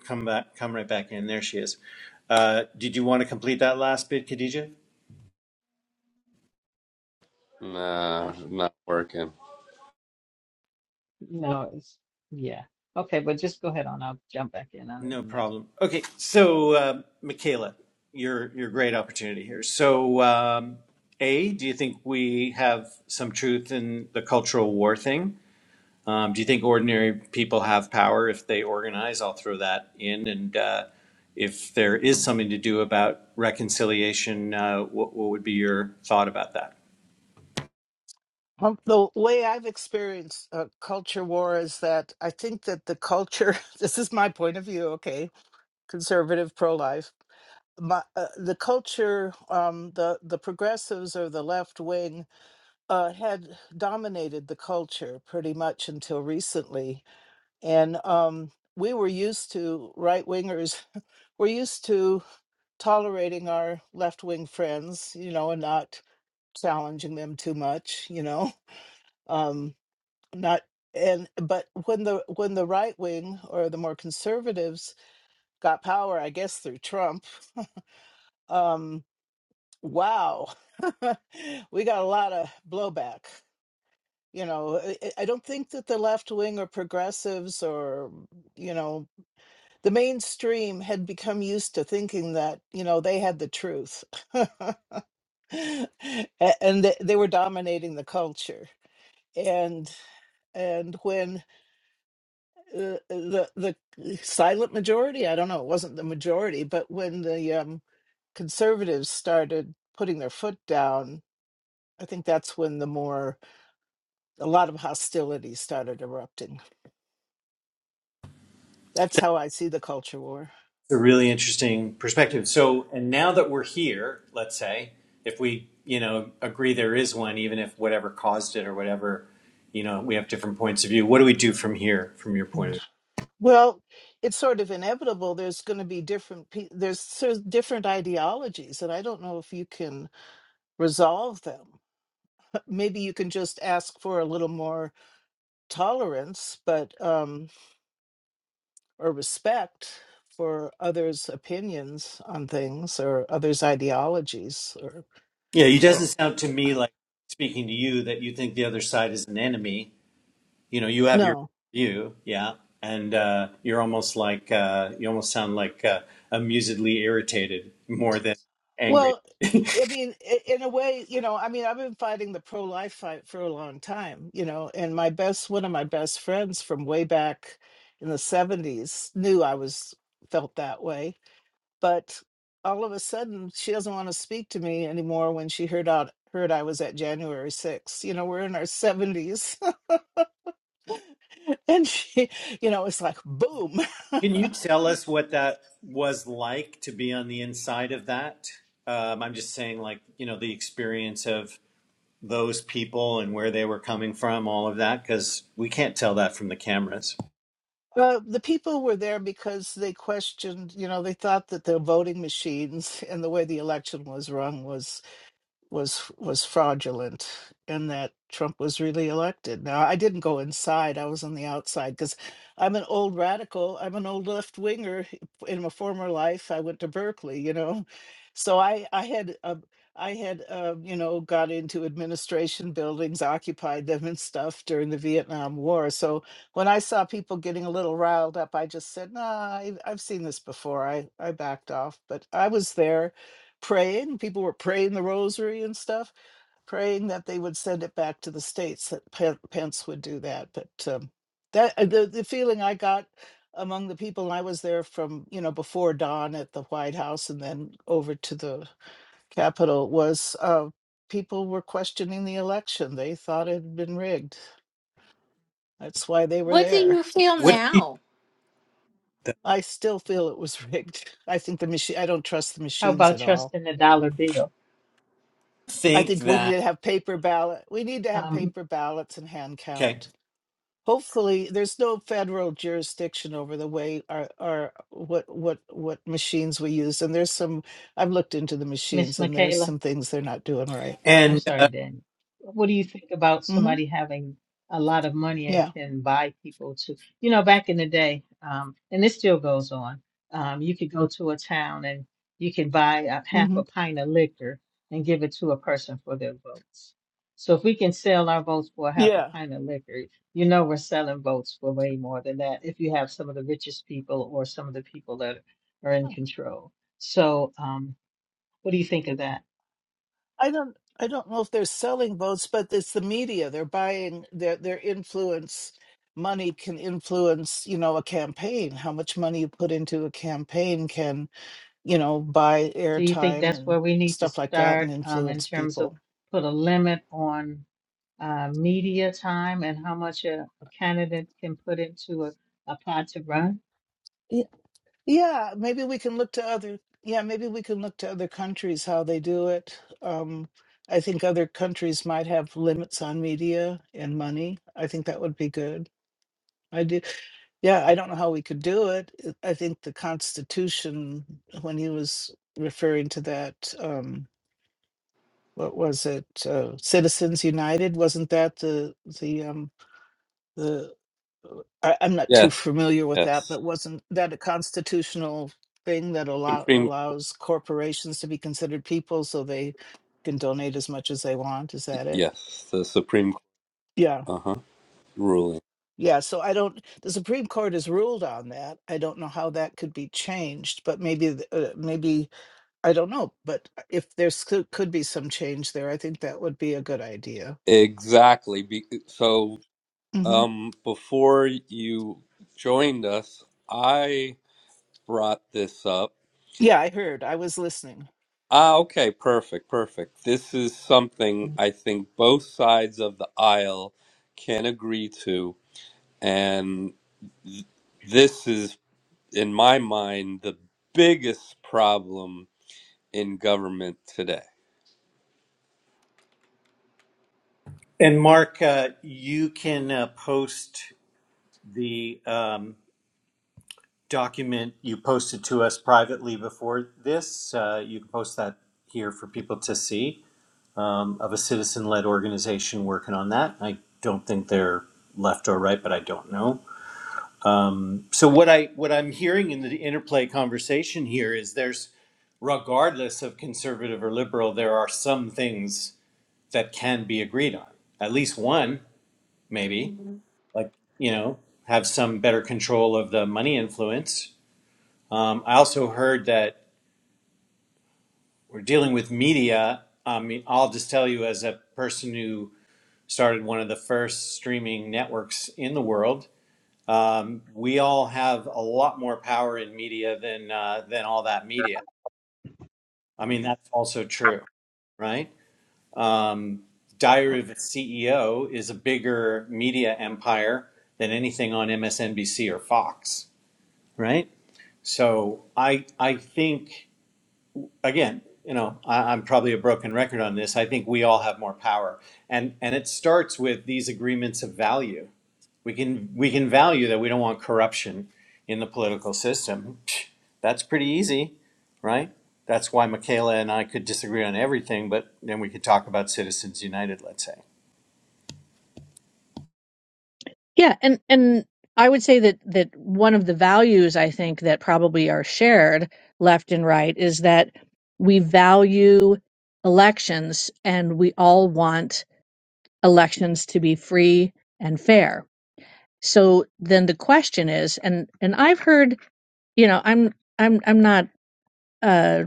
come back come right back in. There she is. Uh did you want to complete that last bit, Khadija?
I,
Nah, not working.
no, it's yeah. Okay, but just go ahead on. I'll jump back in on the
No
next.
problem. Okay, so uh, Michaela, your your great opportunity here. So um A, do you think we have some truth in the cultural war thing? Um, do you think ordinary people have power if they organize? I'll throw that in. And uh, if there is something to do about reconciliation, uh, what, what would be your thought about that?
Um, the way I've experienced uh, culture war is that I think that the culture, this is my point of view, okay, conservative, pro life, my, uh, the culture, um, the, the progressives or the left wing uh, had dominated the culture pretty much until recently. And um, we were used to, right wingers, we're used to tolerating our left wing friends, you know, and not challenging them too much, you know. um not and but when the when the right wing or the more conservatives got power i guess through trump um wow we got a lot of blowback you know i I- I don't think that the left wing or progressives or you know the mainstream had become used to thinking that you know they had the truth A- and they, they were dominating the culture and and when uh, the the silent majority i don't know it wasn't the majority but when the um conservatives started putting their foot down i think that's when the more a lot of hostility started erupting that's how i see the culture war
A really interesting perspective. So, and now that we're here, let's say, if we, you know, agree there is one, even if whatever caused it or whatever, you know, we have different points of view. What do we do from here, from your point
Mm.
of
well it's sort of inevitable there's going to be different pe- there's sort of different ideologies and i don't know if you can resolve them maybe you can just ask for a little more tolerance but um, or respect for others' opinions on things or others' ideologies or,
view? Yeah, it doesn't
or
sound to me like speaking to you that you think the other side is an enemy you know you have your
no.
view yeah and uh, you're almost like uh, you almost sound like uh, amusedly irritated more than angry
Well, I mean, i- in a way, you know, I mean, I've been fighting the pro life fight for a long time, you know, and my best, one of my best friends from way back in the 70s knew I was felt that way. But all of a sudden, she doesn't want to speak to me anymore when she heard out heard I was at January 6th. You know, we're in our 70s And she, you know, it's like boom.
can you tell us what that was like to be on the inside of that um, i'm just saying like you know the experience of those people and where they were coming from all of that because we can't tell that from the cameras
Uh, the people were there because they questioned, you know, they thought that the voting machines and the way the election was run was was was fraudulent and that Trump was really elected. Now, I didn't go inside, I was on the outside because I'm an old radical, I'm an old left winger. In my former life, I went to Berkeley, you know. So I I had uh, I had uh, you know got into administration buildings, occupied them and stuff during the Vietnam War. So when I saw people getting a little riled up, I just said, "Nah, i I've seen this before." I I backed off, but I was there praying. People were praying the rosary and stuff, praying that they would send it back to the states. That Pen- Pence would do that, but um, that uh, the the feeling I got among the people and I was there from you know before dawn at the White House and then over to the Capitol was uh, people were questioning the election. They thought it had been rigged. That's why they were
what do
there.
you feel
what do
now
you
I still feel it was rigged. I think the machine. I don't trust the
How
machines
about
at all.
trusting the dollar bill,
I
think
think we need
that
to have paper ballot. We need to have
um,
paper ballots and hand
okay
count. Hopefully, there's no federal jurisdiction over the way our, our what what what machines we use. And there's some I've looked into the
Miss
machines, and there's
Michaela?
some things they're not doing right.
I'm
and
sorry,
uh,
Daniel. What do you think about
hmm
somebody having a lot of money and
Yeah.
can buy people to, you know, back in the day, um, and this still goes on, um, you could go to a town and you can buy a half
hmm
a pint of liquor and give it to a person for their votes. So if we can sell our votes for a half a
Yeah.
pint of liquor, you know we're selling votes for way more than that if you have some of the richest people or some of the people that are in control. So um, what do you think of that?
I don't I don't know if they're selling votes, but it's the media. They're buying their their influence. Money can influence, you know, a campaign. How much money you put into a campaign can you know, buy
Do you think
airtime
that's
and
where we need to
stuff like that and
start um, in
influence
terms of
people.
put a limit on uh, media time and how much a, a candidate can put into a, a pot to run?
Yeah, yeah, maybe we can look to other yeah, maybe we can look to other countries how they do it. Um, I think other countries might have limits on media and money. I think that would be good. I do. Yeah, I don't know how we could do it. It- I think the Constitution, when he was referring to that, um, what was it, uh, Citizens United? Wasn't that the the um, I, I'm not too
Yes,
familiar with that,
yes.
but wasn't that a constitutional thing that allow
Supreme,
allows corporations to be considered people so they can donate as much as they want? Is that it?
yes, the Supreme.
Yeah.
Uh huh. ruling.
Yeah. So I don't, the Supreme Court has ruled on that. I don't know how that could be changed, but maybe, th- uh, maybe, I don't know. But if there's could, could be some change there, I think that would be a good idea.
Exactly. Be- So,
hmm
um, before you joined us, I brought this up.
Yeah, I heard. I was listening.
Ah, okay, perfect, perfect. This is something I think both sides of the aisle can agree to, and th- this is, in my mind, the biggest problem in government today.
and mark uh, you can uh, post the um, document you posted to us privately before this. Uh, you can post that here for people to see um, of a citizen led organization working on that. I don't think they're left or right, but I don't know. Um, so what I what I'm hearing in the interplay conversation here is there's regardless of conservative or liberal, there are some things that can be agreed on. At least one, maybe, like, you know, have some better control of the money influence. Um, I also heard that we're dealing with media. I mean, I'll just tell you as a person who started one of the first streaming networks in the world, um, we all have a lot more power in media than uh, than all that media. I mean, that's also true, right? Um, Diary of a CEO is a bigger media empire than anything on MSNBC or Fox, right? So I I think. again, you know, I, I'm probably a broken record on this. I think we all have more power, and and it starts with these agreements of value. We can we can value that we don't want corruption in the political system. Psh, That's pretty easy, right? That's why Michaela and I could disagree on everything, but then we could talk about Citizens United, let's say.
Yeah, and and I would say that that one of the values I think that probably are shared left and right is that we value elections and we all want elections to be free and fair. So then the question is and and I've heard, you know, I'm I'm I'm not a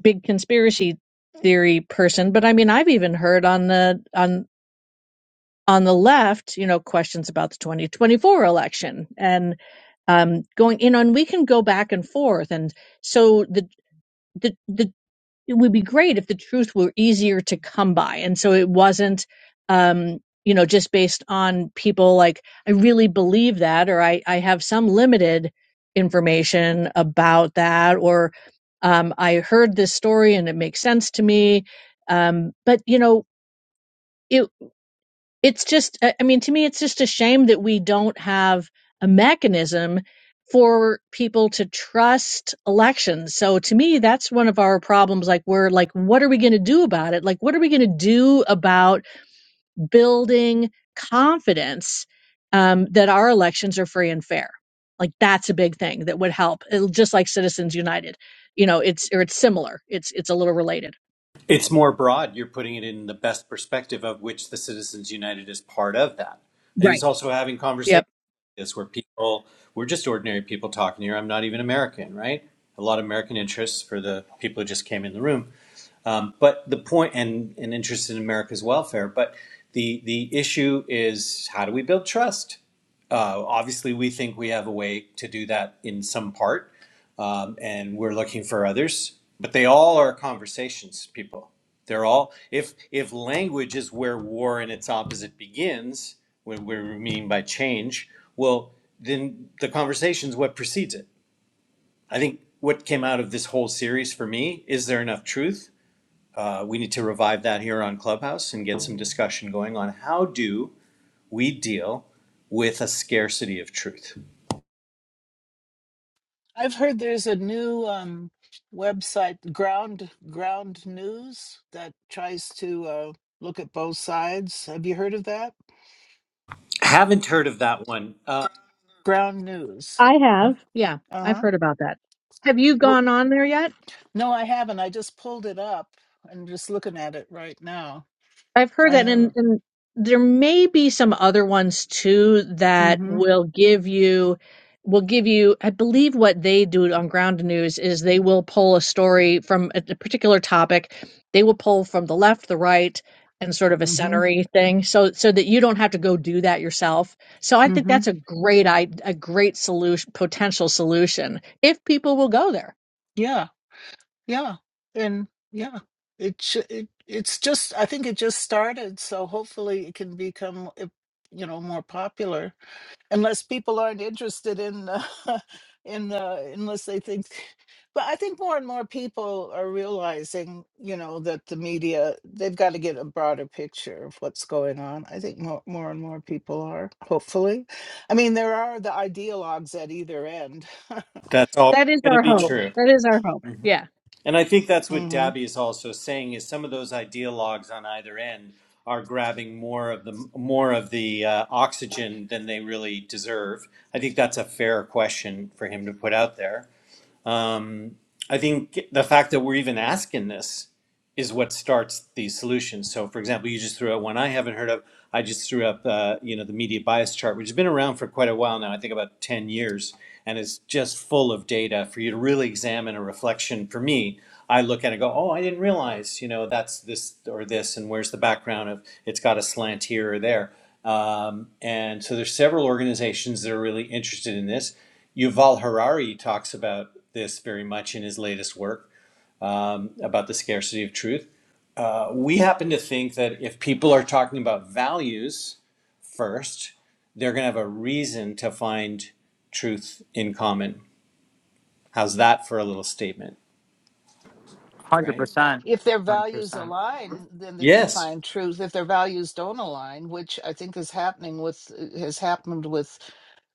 big conspiracy theory person, but I mean I've even heard on the on on the left, you know, questions about the 2024 election and um, going, in on. we can go back and forth. And so the, the, the, it would be great if the truth were easier to come by. And so it wasn't, um, you know, just based on people like, I really believe that, or I, I have some limited information about that, or um, I heard this story and it makes sense to me. Um, but, you know, it it's just i I mean to me it's just a shame that we don't have a mechanism for people to trust elections so to me that's one of our problems like we're like what are we going to do about it like what are we going to do about building confidence um, that our elections are free and fair like that's a big thing that would help It'll, just like citizens united you know it's or it's similar it's it's a little related
It's more broad. You're putting it in the best perspective of which the Citizens United is part of that. I think it's
Right.
also having conversations
yep
is where people we're just ordinary people talking here. I'm not even American, right? A lot of American interests for the people who just came in the room. Um, but the point, and, and interest in America's welfare, but the, the issue is how do we build trust? Uh, obviously, we think we have a way to do that in some part, um, and we're looking for others. But they all are conversations, people. They're all if if language is where war and its opposite begins, what we mean by change, well, then the conversation's what precedes it. I think what came out of this whole series for me is there enough truth? uh, we need to revive that here on Clubhouse and get some discussion going on how do we deal with a scarcity of truth.
I've heard there's a new um, website, Ground Ground News, that tries to uh, look at both sides. Have you heard of that?
Haven't heard of that one. Uh,
Ground News.
I have. Yeah,
Uh
I've
huh.
heard about that. Have you
Well,
gone on there yet?
no, I haven't. I just pulled it up and just looking at it right now.
I've heard
I
that, and,
haven't.
and there may be some other ones too that
Mm-hmm.
will give you will give you. I believe what they do on Ground News is they will pull a story from a, a particular topic. They will pull from the left, the right, and sort of a
Mm-hmm.
centery thing, so so that you don't have to go do that yourself. So I think
Mm-hmm.
that's a great i a great solution, potential solution if people will go there.
Yeah. Yeah. And yeah, it sh- it it's just. I think it just started, so hopefully it can become, uh, you know, more popular. unless people aren't interested in uh, in uh, unless they think but i think more and more people are realizing you know that the media they've got to get a broader picture of what's going on i think more, more and more people are hopefully i mean there are the ideologues at either end
That's all
That is
going to
our
be
hope.
um
true.
That is our hope. Yeah.
And I think that's what
mm-hmm.
Dabby is also saying is some of those ideologues on either end are grabbing more of the more of the uh, oxygen than they really deserve. I think that's a fair question for him to put out there. Um, I think the fact that we're even asking this is what starts these solutions. So, for example, you just threw out one I haven't heard of. I just threw up, uh, you know, the media bias chart, which has been around for quite a while now. I think about ten years, and it's just full of data for you to really examine a reflection. For me, I look at it and go, "Oh, I didn't realize, you know, that's this or this, and where's the background of it's got a slant here or there." Um, and so, there's several organizations that are really interested in this. Yuval Harari talks about this very much in his latest work um, about the scarcity of truth uh, we happen to think that if people are talking about values first, they're going to have a reason to find truth in common. How's that for a little statement,
Hundred
right?
percent.
if their
Hundred
values
percent.
align, then they can
Yes.
find truth. If their values don't align, which I think is happening with has happened with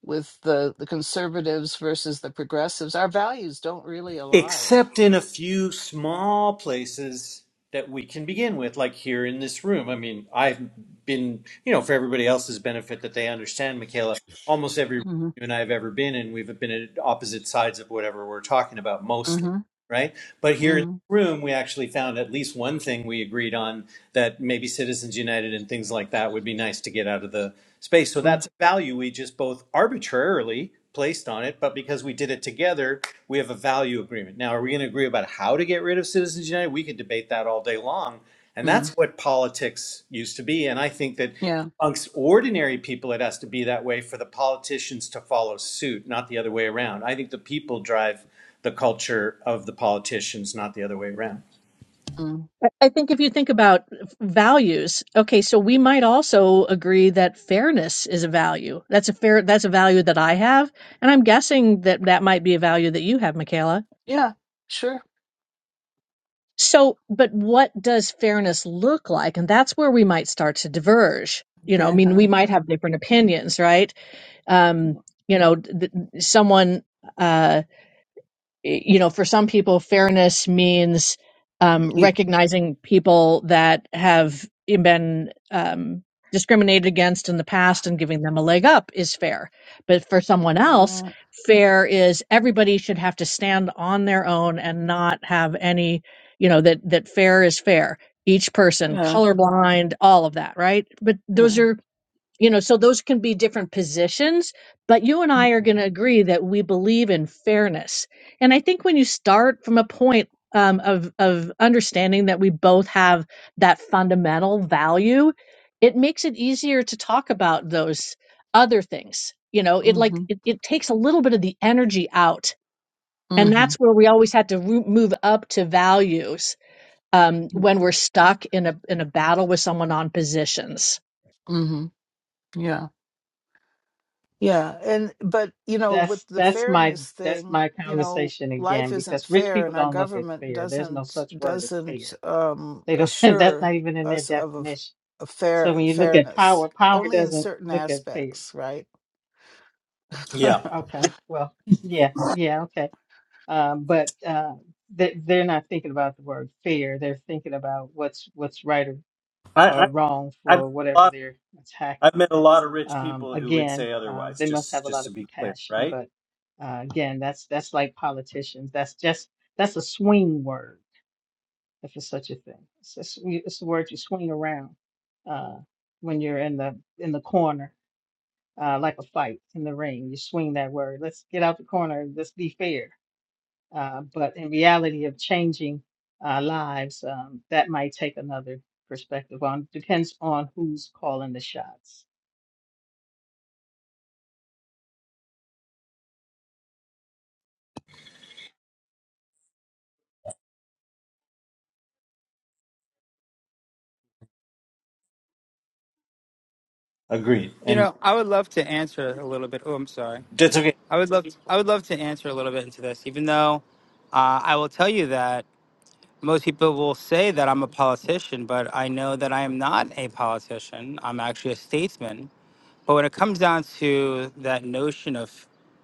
with the the conservatives versus the progressives, our values don't really align.
Except in a few small places that we can begin with, like here in this room. I mean, I've been, you know, for everybody else's benefit that they understand, Michaela, almost every room
hmm
you and I have ever been in, we've been at opposite sides of whatever we're talking about mostly
hmm
right? But here in
hmm
the room, we actually found at least one thing we agreed on that maybe Citizens United and things like that would be nice to get out of the space. So that's a value we just both arbitrarily placed on it, but because we did it together, we have a value agreement. Now, are we going to agree about how to get rid of Citizens United? We could debate that all day long. And
mm
that's what politics used to be. And I think that
Yeah.
amongst ordinary people, it has to be that way for the politicians to follow suit, not the other way around. I think the people drive the culture of the politicians, not the other way around.
mm
I I think if you think about values, okay, so we might also agree that fairness is a value. That's a fair, that's a value that I have. And I'm guessing that that might be a value that you have, Michaela.
Yeah. Sure.
So, but what does fairness look like? And that's where we might start to diverge. You know, I
Yeah.
mean, we might have different opinions, right? Um, you know, th- someone, uh, you know, for some people, fairness means um,
E-
recognizing people that have been um, discriminated against in the past and giving them a leg up is fair. But for someone else,
uh,
fair is everybody should have to stand on their own and not have any, you know, that that fair is fair. Each person,
Yeah.
colorblind, all of that, right? But
Yeah.
those are you know so those can be different positions but you and i are going to agree that we believe in fairness and i think when you start from a point um, of of understanding that we both have that fundamental value it makes it easier to talk about those other things you know it like
Mm-hmm.
it, it takes a little bit of the energy out and
Mm-hmm.
that's where we always had to roo- move up to values um, when we're stuck in a in a battle with someone on positions.
Mm-hmm. Yeah. Yeah, and but you know, with
That's
the
that's my
fairness
that's
thing,
my
you know,
conversation
life
again
isn't
because rich
fair, and
people
our
don't look at
government
fair. There's no
doesn't
such word as
doesn't
fair.
um,
They don't. That's
assure
not even in their
us of a, f-
definition.
a
So
fair
when you look at
fairness
power, power
only in
doesn't
certain
look at fair.
aspects, right?
Yeah,
Okay. Well, yeah, yeah, okay. um, but uh, they, they're not thinking about the word fair. They're thinking about what's what's right or,
I,
or wrong
I I've met
for
a
whatever
lot.
they're
I've
tackling.
met a lot of rich
Um,
people who would
again,
say
um,
otherwise.
they must
Just
have a
just
lot
to
of
be clear,
compassion,
right?
but uh, again, that's that's like politicians. That's just that's a swing word, if it's such a thing. It's a, sw- it's the word you swing around uh, when you're in the in the corner. Uh, like a fight in the ring, you swing that word. Let's get out the corner. Let's be fair uh, but in reality of changing uh, lives, um, that might take another perspective on. Depends on who's calling the shots.
Agreed.
You
And
know, I would love to answer a little bit. Oh, I'm sorry.
that's okay.
I would love I would love to answer a little bit into this, even though uh, I will tell you that. most people will say that I'm a politician, but I know that I am not a politician. I'm actually a statesman. But when it comes down to that notion of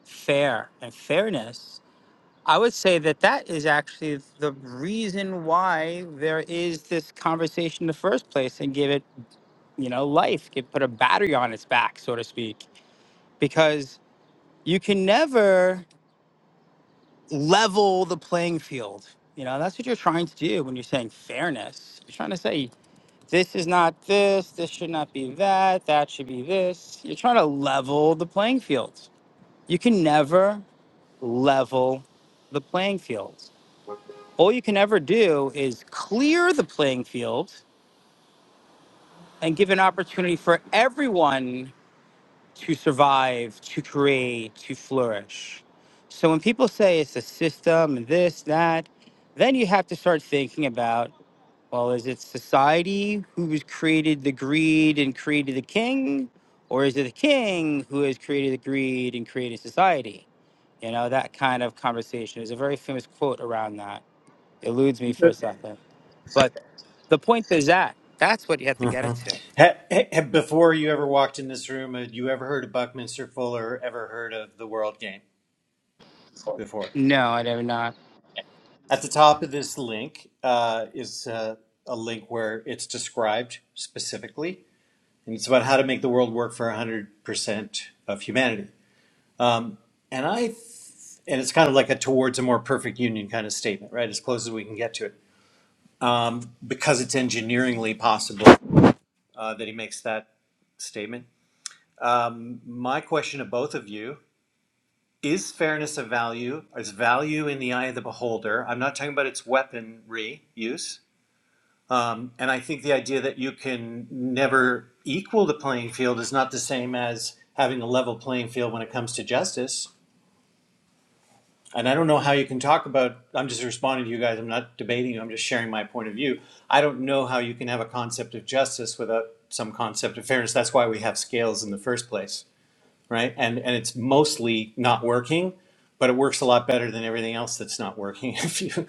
fair and fairness, I would say that that is actually the reason why there is this conversation in the first place and give it, you know, life, give, put a battery on its back, so to speak, because you can never level the playing field. You know, that's what you're trying to do when you're saying fairness. You're trying to say This is not this. This should not be that. That should be this. You're trying to level the playing field. You can never level the playing field. All you can ever do is clear the playing field and give an opportunity for everyone to survive, to create, to flourish. So when people say it's a system and this, that, then you have to start thinking about Well, is it society who has created the greed and created the king, or is it the king who has created the greed and created society? You know, that kind of conversation. There's a very famous quote around that. Eludes me
It's
for a
okay.
second. But the point is that that's what you have to
hmm
get it to.
ha, ha- before you ever walked in this room, had you ever heard of Buckminster Fuller? Ever heard of the World Game before?
No, I did not.
At the top of this link uh, is uh, a link where it's described specifically, and it's about how to make the world work for 100% of humanity. And I And it's kind of like a towards a more perfect union kind of statement, right? As close as we can get to it. Because it's engineeringly possible uh, that he makes that statement. My question to both of you is fairness of value, is value in the eye of the beholder? I'm not talking about its weaponry use. Um, and I think the idea that you can never equal the playing field is not the same as having a level playing field when it comes to justice. and I don't know how you can talk about. I'm just responding to you guys. I'm not debating you. I'm just sharing my point of view. I don't know how you can have a concept of justice without some concept of fairness. That's why we have scales in the first place, right? And and it's mostly not working, but it works a lot better than everything else that's not working. If you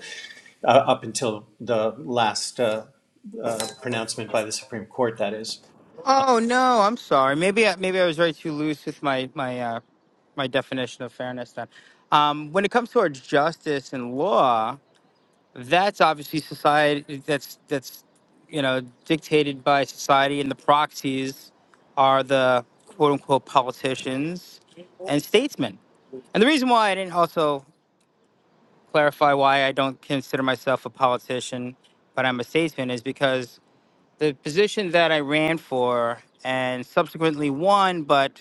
uh, up until the last uh, uh, pronouncement by the Supreme Court, that is.
Oh no, I'm sorry. Maybe I, maybe I was very too loose with my my uh, my definition of fairness. Then, um, when it comes towards justice and law, that's obviously society that's that's you know dictated by society and the proxies are the quote unquote politicians and statesmen and the reason why i didn't also clarify why i don't consider myself a politician but i'm a statesman is because the position that i ran for and subsequently won but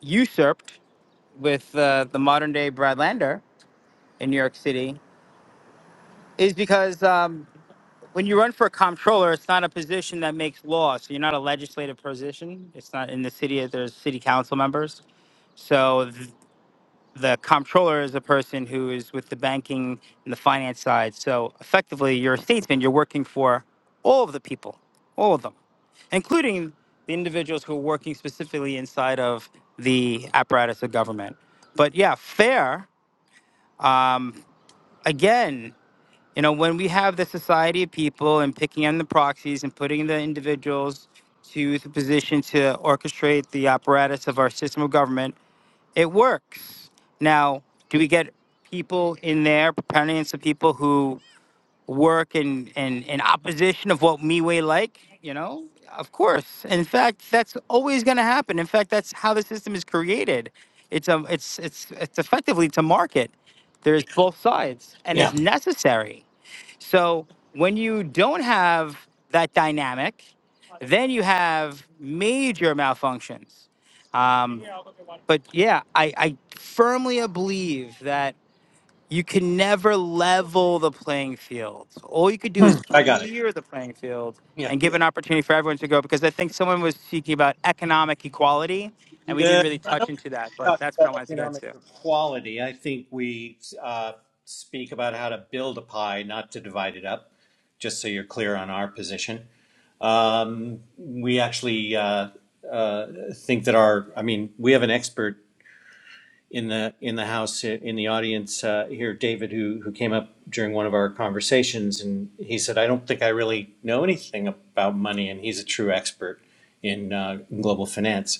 usurped with uh, the modern day brad lander in new york city is because um, when you run for a comptroller, it's not a position that makes law. So you're not a legislative position. It's not in the city. There's city council members. So th- the comptroller is a person who is with the banking and the finance side. So effectively, you're a statesman. You're working for all of the people, all of them, including the individuals who are working specifically inside of the apparatus of government. But yeah, fair. Um, again, you know, when we have the society of people and picking on the proxies and putting the individuals to the position to orchestrate the apparatus of our system of government, it works. Now, do we get people in there, proponents of people who work in, in, in opposition of what me like? You know, of course. In fact, that's always going to happen. In fact, that's how the system is created. It's a, it's it's it's effectively to market. There's both sides, and it's
Yeah,
necessary so when you don't have that dynamic, then you have major malfunctions. Um, but yeah, I, I firmly believe that you can never level the playing field. All you could do is
I got it.
clear the playing field
Yeah,
and give an opportunity for everyone to go. Because I think someone was speaking about economic equality, and we didn't really
yeah.
touch into that. But
talked
that's what I
about
wanted to get
economic
to.
equality. I think we uh, speak about how to build a pie, not to divide it up, just so you're clear on our position. We actually uh, uh, think that our, I mean, we have an expert in the in the house uh, in the audience uh, here David who who came up during one of our conversations and he said I don't think I really know anything about money and he's a true expert in uh, global finance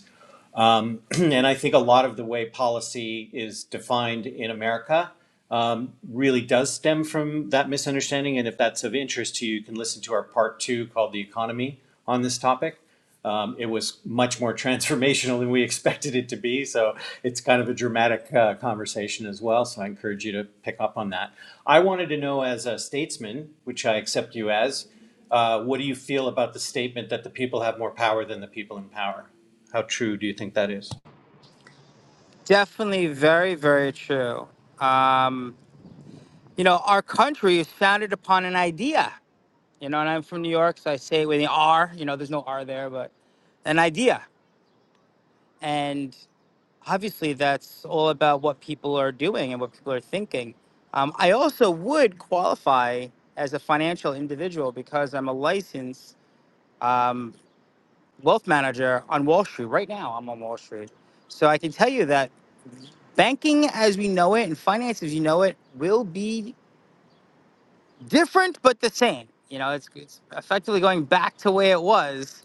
and I think a lot of the way policy is defined in America um, really does stem from that misunderstanding. And if that's of interest to you, you can listen to our part two called The Economy on this topic. Um, it was much more transformational than we expected it to be. So it's kind of a dramatic uh, conversation as well. So I encourage you to pick up on that. I wanted to know, as a statesman, which I accept you as, uh, what do you feel about the statement that the people have more power than the people in power? How true do you think that is?
Definitely, very, very true. Um, you know, our country is founded upon an idea. You know, and I'm from New York, so I say it with the R. You know, there's no R there, but an idea. And obviously, that's all about what people are doing and what people are thinking. Um, I also would qualify as a financial individual because I'm a licensed um, wealth manager on Wall Street. Right now, I'm on Wall Street. So I can tell you that banking as we know it and finance as you know it will be different but the same. You know, it's, it's effectively going back to where it was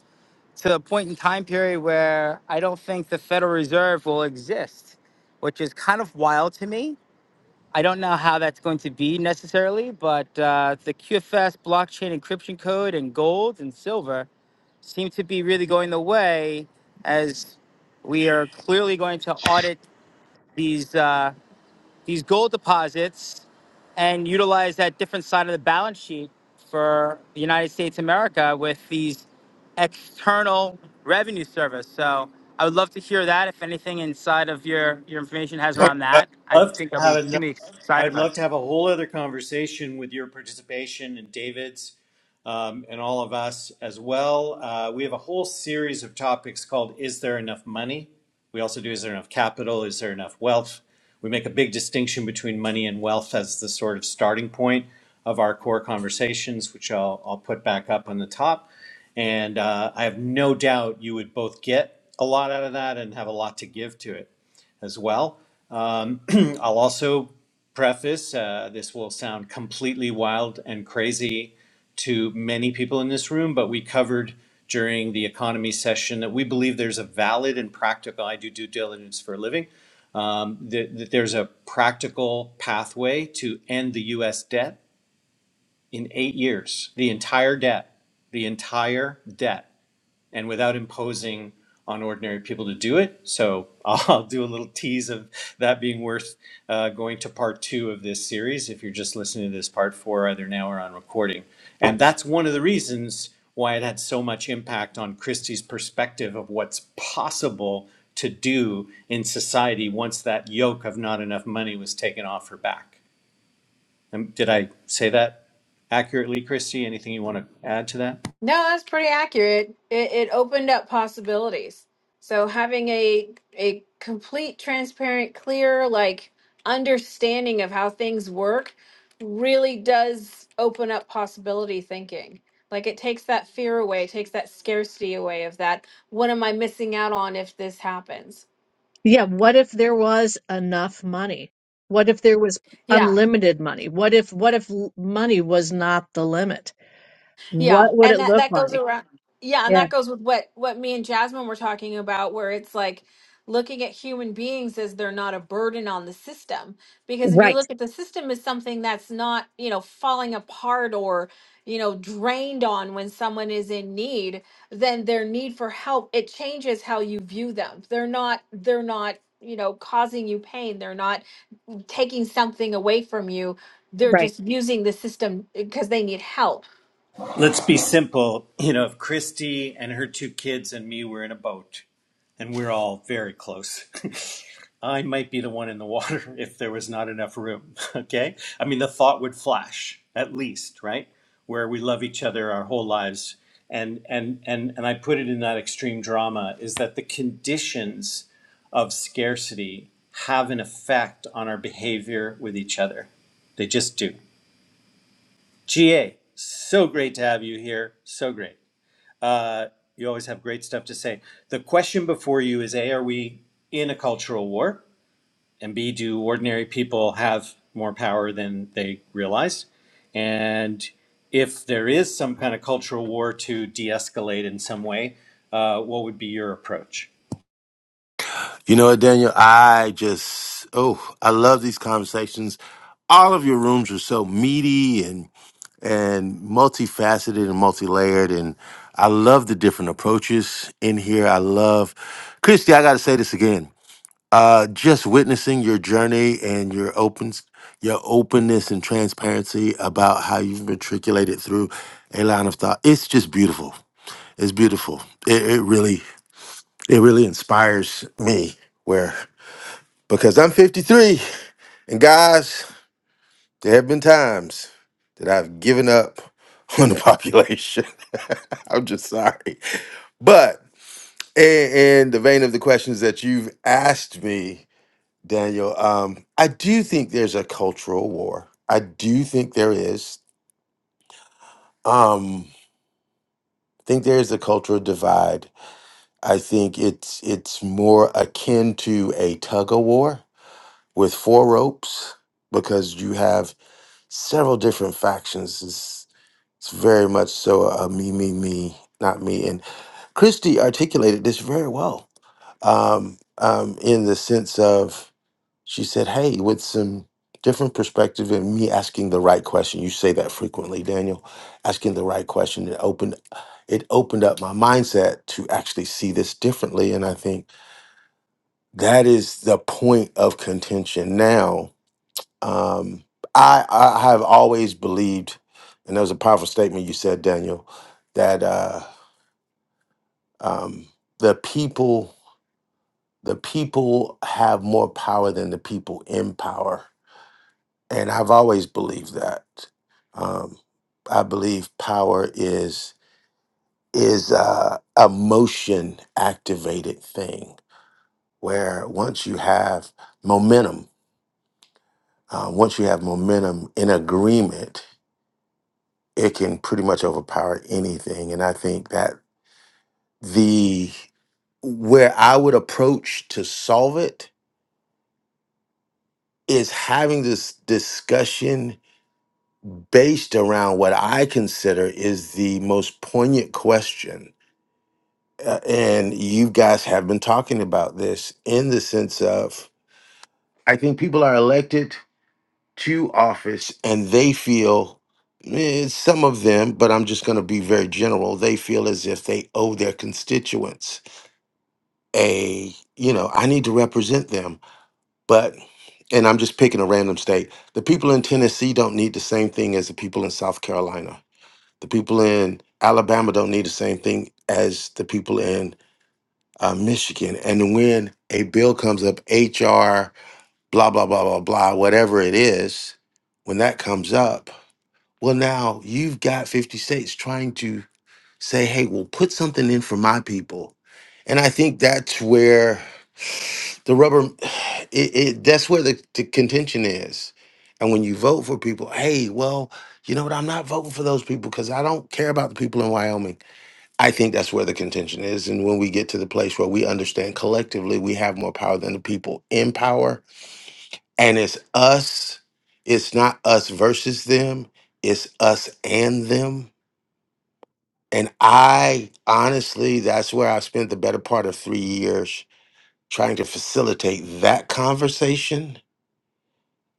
to a point in time period where I don't think the Federal Reserve will exist, which is kind of wild to me. I don't know how that's going to be necessarily, but uh, the QFS blockchain encryption code and gold and silver seem to be really going the way as we are clearly going to audit these. Uh, these gold deposits and utilize that different side of the balance sheet for the United States of America with these external revenue service. So I would love to hear that. If anything inside of your, your information has
Oh,
around
I'd
that, I
love to
think I'll be
have another,
extremely excited
I'd
about it.
love to have a whole other conversation with your participation and David's um, and all of us as well. Uh, we have a whole series of topics called "Is there enough money?" We also do "Is there enough capital?" "Is there enough wealth?" We make a big distinction between money and wealth as the sort of starting point of our core conversations, which I'll, I'll put back up on the top. And uh, I have no doubt you would both get a lot out of that and have a lot to give to it as well. Um, I'll also preface uh, this will sound completely wild and crazy to many people in this room, but we covered during the economy session that we believe there's a valid and practical, I do due diligence for a living, um, that, that there's a practical pathway to end the US debt in eight years, the entire debt, the entire debt and without imposing on ordinary people to do it. So I'll do a little tease of that being worth uh, going to part two of this series. If you're just listening to this part four, either now or on recording. And that's one of the reasons why it had so much impact on Christie's perspective of what's possible to do in society once that yoke of not enough money was taken off her back. Um, Did I say that accurately, Christie? Anything you want to add to that?
No, that's pretty accurate. It, it opened up possibilities. So having a a complete, transparent, clear, like understanding of how things work really does open up possibility thinking. Like it takes that fear away, takes that scarcity away of that. What am I missing out on if this happens?
Yeah, what if there was enough money? What if there was
Yeah.
unlimited money? What if what if l- money was not the limit? What
Yeah,
would
and
it
that
look
that goes
like?
around. Yeah, and
Yeah,
that goes with what what me and Jasmine were talking about, where it's like looking at human beings as they're not a burden on the system. Because if you
right,
look at the system as something that's not, you know, falling apart or, you know, drained on when someone is in need, then their need for help, it changes how you view them. They're not they're not, you know, causing you pain. They're not taking something away from you. They're
right.
just using the system because they need help
Let's be simple. You know, if Christy and her two kids and me were in a boat, and we're all very close, I might be the one in the water if there was not enough room. Okay? I mean, the thought would flash, at least, right? Where we love each other our whole lives. And, and, and, and I put it in that extreme drama is that the conditions of scarcity have an effect on our behavior with each other. They just do. GA, so great to have you here. So great. Uh, you always have great stuff to say. The question before you is A, are we in a cultural war? And B, do ordinary people have more power than they realize? And if there is some kind of cultural war to de escalate in some way, uh, what would be your approach?
You know what, Daniel? I just oh, I love these conversations. All of your rooms are so meaty and and multifaceted and multi-layered and I love the different approaches in here. I love Christy, I gotta say this again. Uh just witnessing your journey and your opens your openness and transparency about how you've matriculated through a line of thought. It's just beautiful. It's beautiful. It, it really it really inspires me. Where because I'm 53. And guys, there have been times that I've given up on the population. I'm just sorry. But in, in the vein of the questions that you've asked me, Daniel, um, I do think there's a cultural war. I do think there is. Um, I think there is a cultural divide. I think it's it's more akin to a tug of war with four ropes because you have several different factions. It's, it's very much so a me, me, me, not me. And Christy articulated this very well um, um, in the sense of she said, "Hey, with some different perspective and me asking the right question." You say that frequently, Daniel. Asking the right question it opened it opened up my mindset to actually see this differently, and I think that is the point of contention now um, I, I have always believed, and that was a powerful statement you said, Daniel, that uh, um, the people the people have more power than the people in power, and I've always believed that. Um, I believe power is is uh, a motion activated thing where once you have momentum, uh, once you have momentum in agreement it can pretty much overpower anything. And I think that the where I would approach to solve it is having this discussion based around what I consider is the most poignant question. Uh, and you guys have been talking about this in the sense of I think people are elected to office and they feel eh, some of them, but I'm just going to be very general. They feel as if they owe their constituents a you know i need to represent them but and i'm just picking a random state the people in tennessee don't need the same thing as the people in south carolina the people in alabama don't need the same thing as the people in uh, michigan and when a bill comes up hr blah blah blah blah blah whatever it is when that comes up well now you've got 50 states trying to say, hey, well, put something in for my people. And I think that's where the rubber, it, it that's where the, the contention is. And when you vote for people, hey, well, you know what? I'm not voting for those people because I don't care about the people in Wyoming. I think that's where the contention is. And when we get to the place where we understand collectively we have more power than the people in power, and it's us, it's not us versus them, it's us and them and I honestly, that's where I spent the better part of three years trying to facilitate that conversation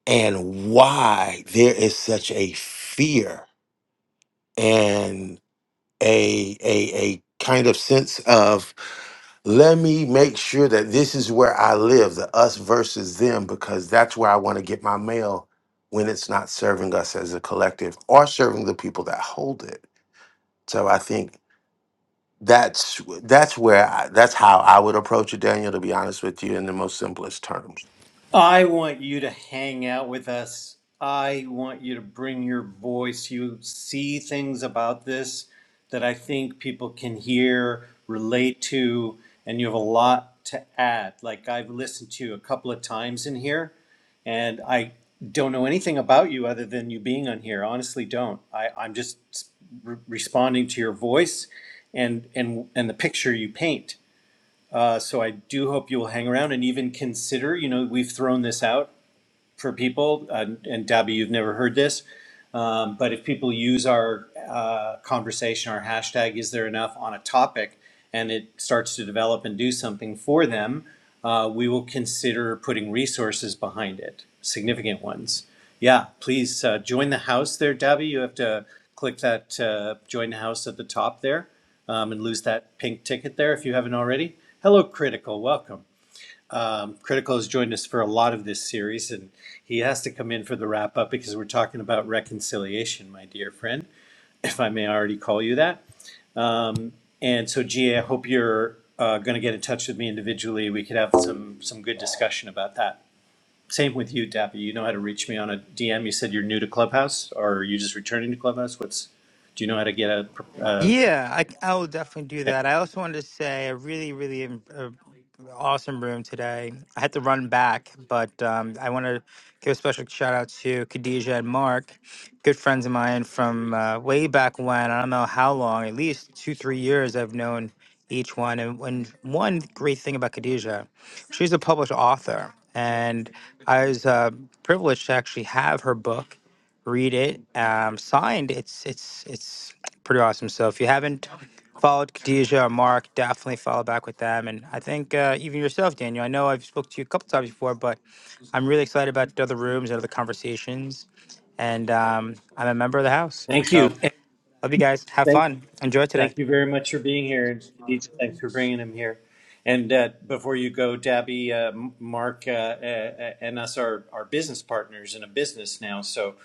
and why there is such a fear and a a a kind of sense of let me make sure that this is where I live, the us versus them, because that's where I want to get my mail when it's not serving us as a collective or serving the people that hold it. So I think That's that's where I, that's how I would approach it, Daniel. To be honest with you, in the most simplest terms.
I want you to hang out with us. I want you to bring your voice. You see things about this that I think people can hear, relate to, and you have a lot to add. Like I've listened to you a couple of times in here, and I don't know anything about you other than you being on here. Honestly, don't. I, I'm just re- responding to your voice and and and the picture you paint. Uh, so I do hope you will hang around and even consider. You know, we've thrown this out for people, uh, and Debbie, you've never heard this, um, but if people use our uh, conversation, our hashtag, is there enough on a topic, and it starts to develop and do something for them, uh, we will consider putting resources behind it, significant ones. Yeah, please uh, join the house there, Debbie. You have to click that uh, join the house at the top there um, and lose that pink ticket there if you haven't already. Hello, Critical. Welcome. Um, Critical has joined us for a lot of this series, and he has to come in for the wrap up because we're talking about reconciliation, my dear friend, if I may already call you that. And so, GA, I hope you're uh, going to get in touch with me individually. We could have some some good discussion about that. Same with you, Dappy. You know how to reach me on a DM. You said you're new to Clubhouse, or are you just returning to Clubhouse? What's do you know how to get a? Uh,
Yeah, I, I will definitely do
yeah.
that. I also wanted to say a really, really um, uh, awesome room today. I had to run back, but um, I want to give a special shout out to Khadijah and Mark, good friends of mine from uh, way back when. I don't know how long, at least two, three years. I've known each one, and, and one great thing about Khadijah, she's a published author, and I was uh, privileged to actually have her book read it. Um, signed. It's it's it's pretty awesome. So if you haven't followed Khadijah or Mark, definitely follow back with them. And I think uh, even yourself, Daniel. I know I've spoke to you a couple times before, but I'm really excited about the other rooms and other conversations. And um, I'm a member of the house.
Thank
So
you. And
love you guys. Have
thank
fun. Enjoy today.
Thank you very much for being here, and Khadija, thanks for bringing him here. And uh, before you go, Dabby, uh, Mark, uh, uh, and us are, are business partners in a business now, so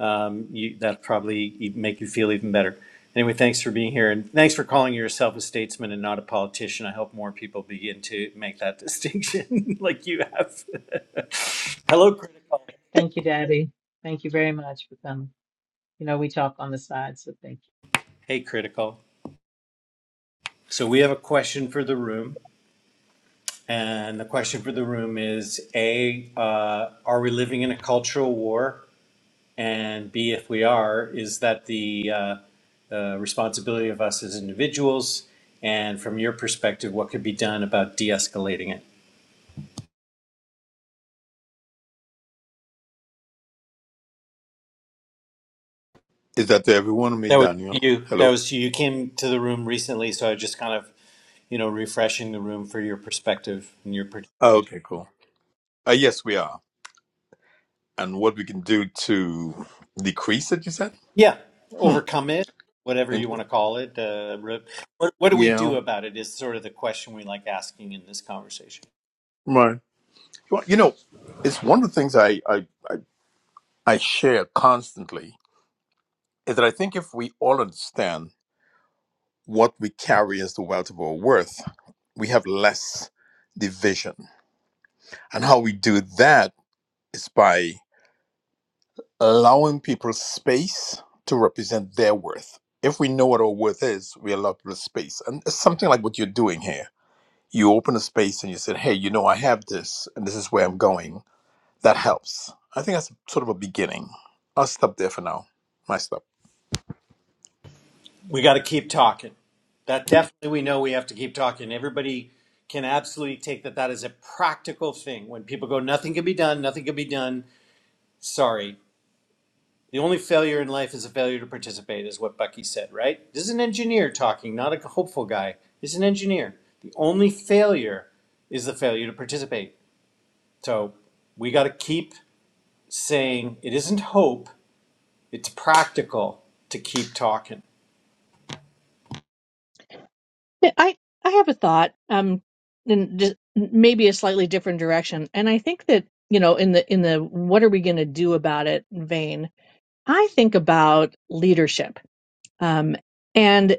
um, you, that probably e- make you feel even better. Anyway, thanks for being here, and thanks for calling yourself a statesman and not a politician. I hope more people begin to make that distinction, like you have. Hello, critical.
Thank you, Debbie. Thank you very much for coming. You know, we talk on the side, so thank
Hey, critical. So we have a question for the room. And the question for the room is, A, uh, are we living in a cultural war? And B, if we are, is that the uh, uh, responsibility of us as individuals? And from your perspective, what could be done about de-escalating it?
Is that to every one me,
That was
Daniel?
you. That
Hello?
was you. You came to the room recently, so I just kind of, you know, refreshing the room for your perspective and your, per-
Oh, okay, cool. Uh, yes, we are. And what we can do to decrease it, you said?
yeah,
Hmm.
overcome it, whatever you
Interesting.
want to call it. Uh, re- what, what do we
Yeah.
do about it is sort of the question we like asking in this conversation.
Right. Well, you know, it's one of the things I, I, I, I share constantly is that I think if we all understand what we carry as the wealth of our worth, we have less division. And how we do that is by allowing people space to represent their worth. If we know what our worth is, we allow people space. And it's something like what you're doing here. You open a space and you said, hey, you know, I have this and this is where I'm going. That helps. I think that's sort of a beginning. I'll stop there for now. My stop.
we got to keep talking. That definitely we know we have to keep talking. Everybody can absolutely take that that is a practical thing. When people go, nothing can be done, nothing can be done. Sorry. The only failure in life is a failure to participate, is what Bucky said, right? This is an engineer talking, not a hopeful guy. This is an engineer. The only failure is the failure to participate. So we got to keep saying it isn't hope, it's practical to keep talking.
Yeah, I I have a thought, um, and just maybe a slightly different direction. And I think that you know, in the in the what are we going to do about it vein, I think about leadership. Um, and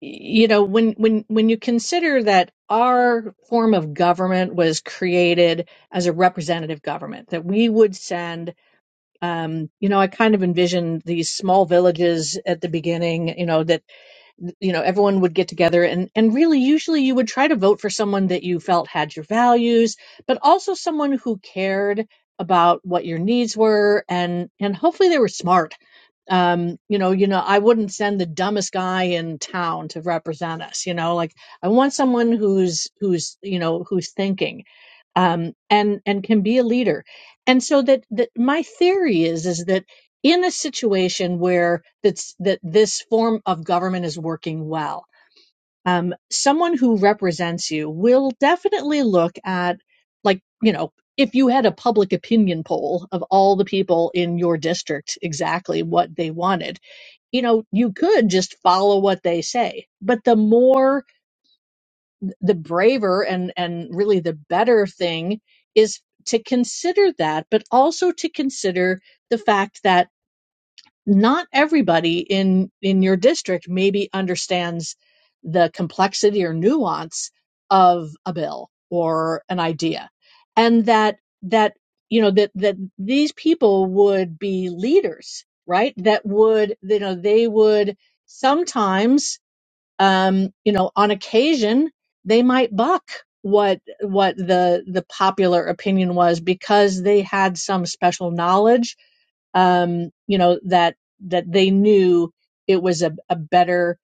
you know, when when when you consider that our form of government was created as a representative government, that we would send. Um, you know, I kind of envision these small villages at the beginning, you know, that you know everyone would get together and and really usually you would try to vote for someone that you felt had your values but also someone who cared about what your needs were and and hopefully they were smart um you know you know i wouldn't send the dumbest guy in town to represent us you know like i want someone who's who's you know who's thinking um and and can be a leader and so that that my theory is is that in a situation where that's that this form of government is working well um, someone who represents you will definitely look at like you know if you had a public opinion poll of all the people in your district exactly what they wanted you know you could just follow what they say but the more the braver and and really the better thing is to consider that but also to consider the fact that not everybody in in your district maybe understands the complexity or nuance of a bill or an idea and that that you know that that these people would be leaders right that would you know they would sometimes um you know on occasion they might buck what what the the popular opinion was because they had some special knowledge um, you know that that they knew it was a, a better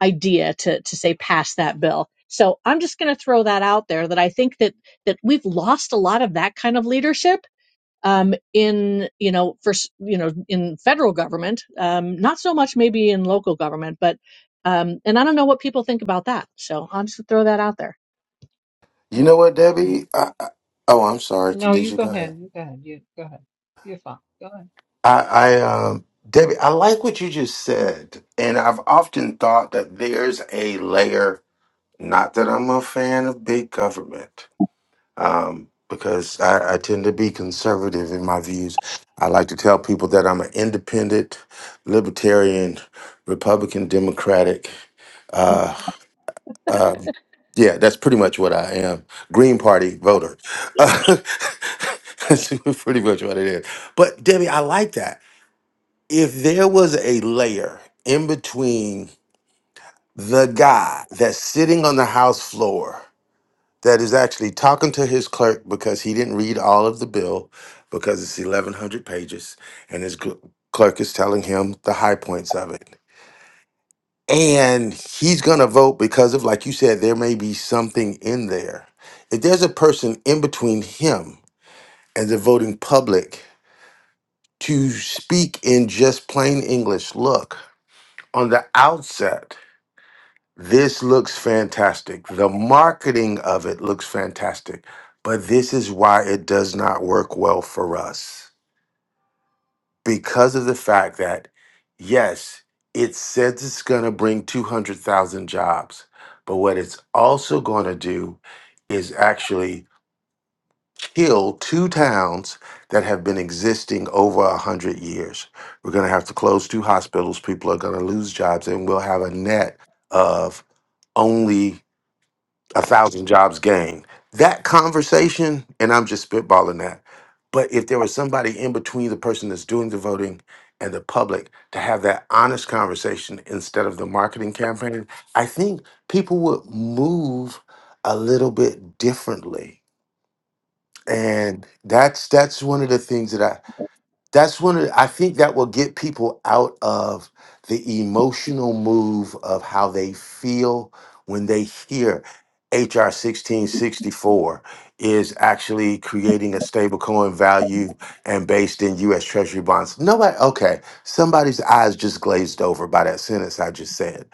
idea to to say pass that bill. So I'm just going to throw that out there that I think that that we've lost a lot of that kind of leadership um, in you know for s- you know in federal government, um, not so much maybe in local government, but um, and I don't know what people think about that. So I'll just throw that out there.
You
you.
know what,
Uh, mm.
Debbie? I, I, oh, I'm sorry.
No,
Did
you
you
go
go ahead?
ahead. You go ahead. You go ahead. You're fine. Go ahead.
I, I um, Debbie, I like what you just said, and I've often thought that there's a layer. Not that I'm a fan of big government, um, because I, I tend to be conservative in my views. I like to tell people that I'm an independent, libertarian, Republican, Democratic. uh, Um, yeah, that's pretty much what I am. Green Party voter. that's pretty much what it is. But Debbie, I like that. If there was a layer in between the guy that's sitting on the House floor that is actually talking to his clerk because he didn't read all of the bill because it's 1,100 pages and his cl- clerk is telling him the high points of it And he's going to vote because of, like you said, there may be something in there. If there's a person in between him and the voting public to speak in just plain English, look, on the outset, this looks fantastic. The marketing of it looks fantastic, but this is why it does not work well for us. because of the fact that, yes, it says it's going to bring 200,000 jobs, but what it's also going to do is actually kill two towns that have been existing over 100 years. We're going to have to close two hospitals, people are going to lose jobs, and we'll have a net of only a thousand jobs gained. That conversation, and I'm just spitballing that, but if there was somebody in between the person that's doing the voting and the public to have that honest conversation instead of the marketing campaign, I think people would move a little bit differently. And that's that's one of the things that I that's one of i think that will get people out of the emotional move of how they feel when they hear hr 1664 is actually creating a stablecoin value and based in us treasury bonds nobody okay somebody's eyes just glazed over by that sentence i just said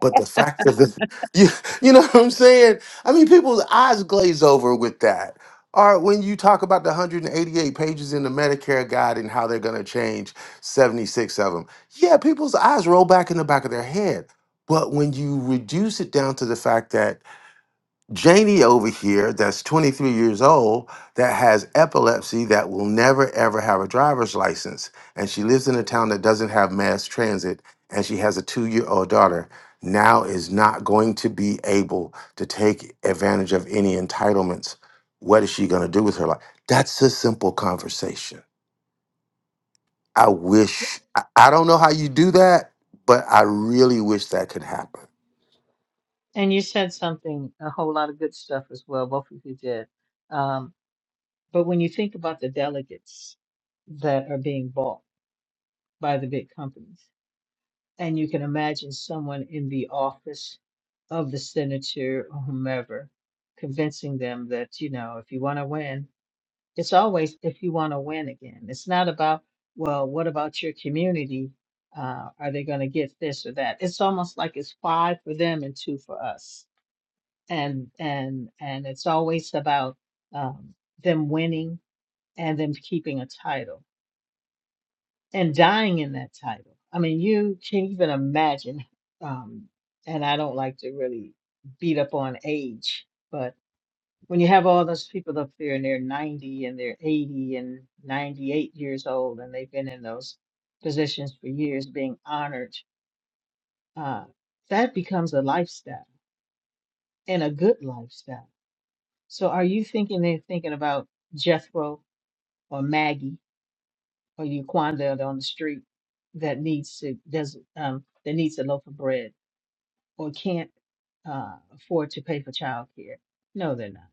but the fact of the you, you know what i'm saying i mean people's eyes glaze over with that or when you talk about the 188 pages in the Medicare guide and how they're going to change 76 of them, yeah, people's eyes roll back in the back of their head. But when you reduce it down to the fact that Janie over here, that's 23 years old, that has epilepsy that will never ever have a driver's license. And she lives in a town that doesn't have mass transit. And she has a two year old daughter, now is not going to be able to take advantage of any entitlements. What is she going to do with her life? That's a simple conversation. I wish, I, I don't know how you do that, but I really wish that could happen.
And you said something, a whole lot of good stuff as well. Both of you did. Um, but when you think about the delegates that are being bought by the big companies, And you can imagine someone in the office of the senator or whomever convincing them that, you know, if you want to win, it's always if you want to win again. It's not about, well, what about your community? Uh, are they going to get this or that? It's almost like it's five for them and two for us. And and and it's always about um, them winning and them keeping a title and dying in that title. I mean, you can't even imagine. Um, and I don't like to really beat up on age, but when you have all those people up there and they're 90 and they're 80 and 98 years old and they've been in those positions for years being honored, uh, that becomes a lifestyle and a good lifestyle. So are you thinking they're thinking about Jethro or Maggie? or Yquanda on the street that needs to does um that needs a loaf of bread or can't uh, afford to pay for childcare. No, they're not.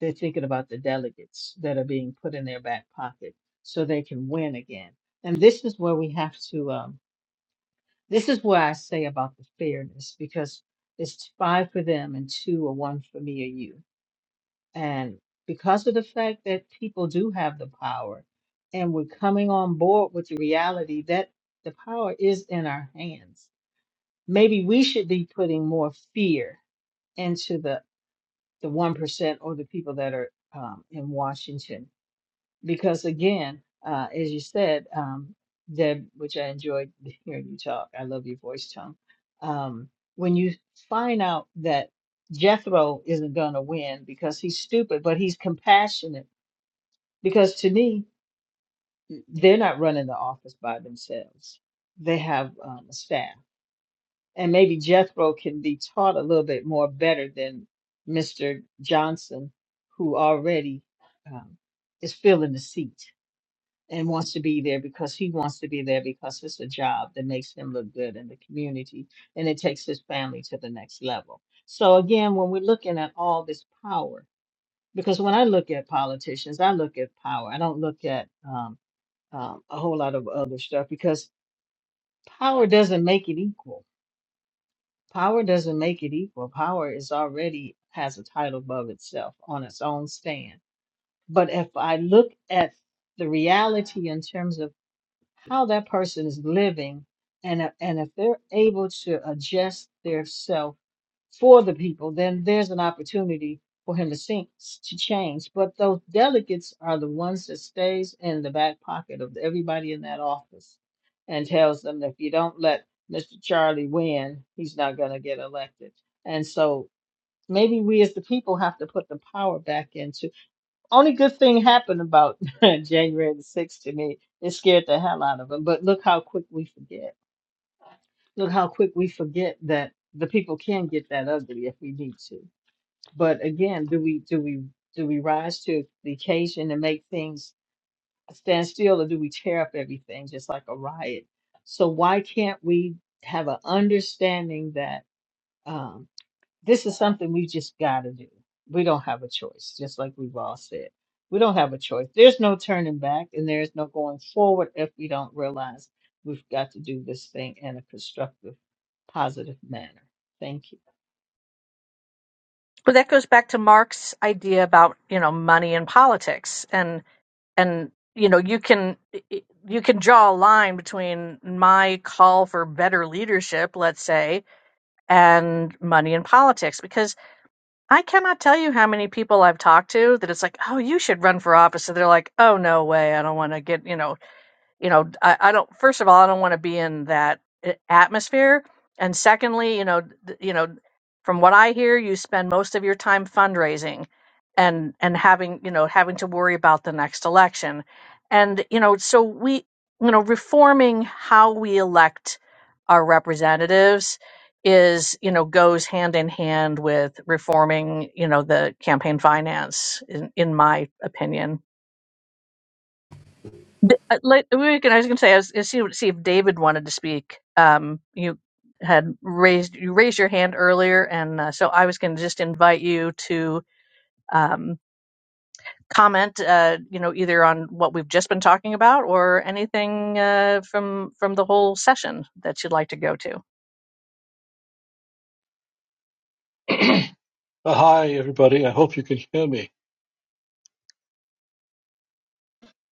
They're thinking about the delegates that are being put in their back pocket so they can win again. And this is where we have to. Um, this is where I say about the fairness because it's five for them and two or one for me or you and because of the fact that people do have the power, and we're coming on board with the reality that the power is in our hands, maybe we should be putting more fear into the the one percent or the people that are um, in Washington, because again, uh, as you said, um, Deb, which I enjoyed hearing you talk. I love your voice tone. Um, when you find out that Jethro isn't going to win because he's stupid, but he's compassionate because to me, they're not running the office by themselves. They have um, a staff. And maybe Jethro can be taught a little bit more better than Mr. Johnson, who already um, is filling the seat and wants to be there because he wants to be there because it's a job that makes him look good in the community and it takes his family to the next level. So, again, when we're looking at all this power, because when I look at politicians, I look at power, I don't look at um, um, a whole lot of other stuff because power doesn't make it equal. Power doesn't make it equal. Power is already has a title above itself on its own stand. But if I look at the reality in terms of how that person is living and if- and if they're able to adjust their self for the people then there's an opportunity for him to sink to change but those delegates are the ones that stays in the back pocket of everybody in that office and tells them that if you don't let mr charlie win he's not going to get elected and so maybe we as the people have to put the power back into only good thing happened about January the 6th to me. It scared the hell out of them. But look how quick we forget. Look how quick we forget that the people can get that ugly if we need to. But again, do we do we do we rise to the occasion and make things stand still, or do we tear up everything just like a riot? So why can't we have an understanding that? um, this is something we just got to do. We don't have a choice, just like we've all said. We don't have a choice. There's no turning back and there's no going forward if we don't realize we've got to do this thing in a constructive, positive manner. Thank you.
But that goes back to Mark's idea about, you know, money and politics. and you know you can you can draw a line between my call for better leadership let's say and money in politics because i cannot tell you how many people i've talked to that it's like oh you should run for office and they're like oh no way i don't want to get you know you know I, I don't first of all i don't want to be in that a- atmosphere and secondly you know th- you know from what i hear you spend most of your time fundraising and and having you know having to worry about the next election and you know so we you know reforming how we elect our representatives is you know goes hand in hand with reforming you know the campaign finance in, in my opinion D- uh, Like, we were gonna- I was going to say, I was going to see, see if David wanted to speak. Um, you had raised you raised your hand earlier, and uh, so I was going to just invite you to um, comment. Uh, you know, either on what we've just been talking about, or anything uh, from from the whole session that you'd like to go to.
Uh, Hi, everybody. I hope you can hear me.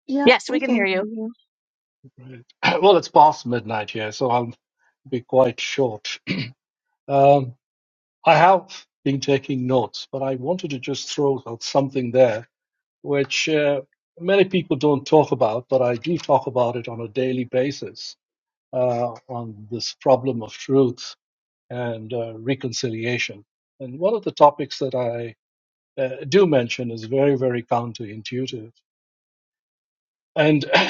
Yep,
Yes,
we
we can
can
hear you.
hear you.
Well, it's past midnight here, so I'll be quite short. Um, I have been taking notes, but I wanted to just throw out something there, which uh, many people don't talk about, but I do talk about it on a daily basis uh, on this problem of truth and uh, reconciliation. And one of the topics that I uh, do mention is very, very counterintuitive. And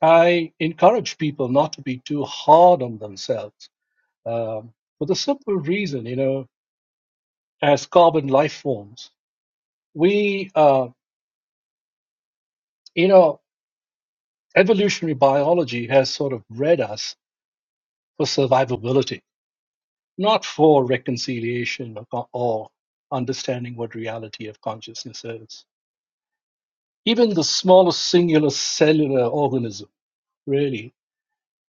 I encourage people not to be too hard on themselves um, for the simple reason, you know, as carbon life forms, we, uh, you know, evolutionary biology has sort of bred us for survivability, not for reconciliation or, or understanding what reality of consciousness is. Even the smallest singular cellular organism, really,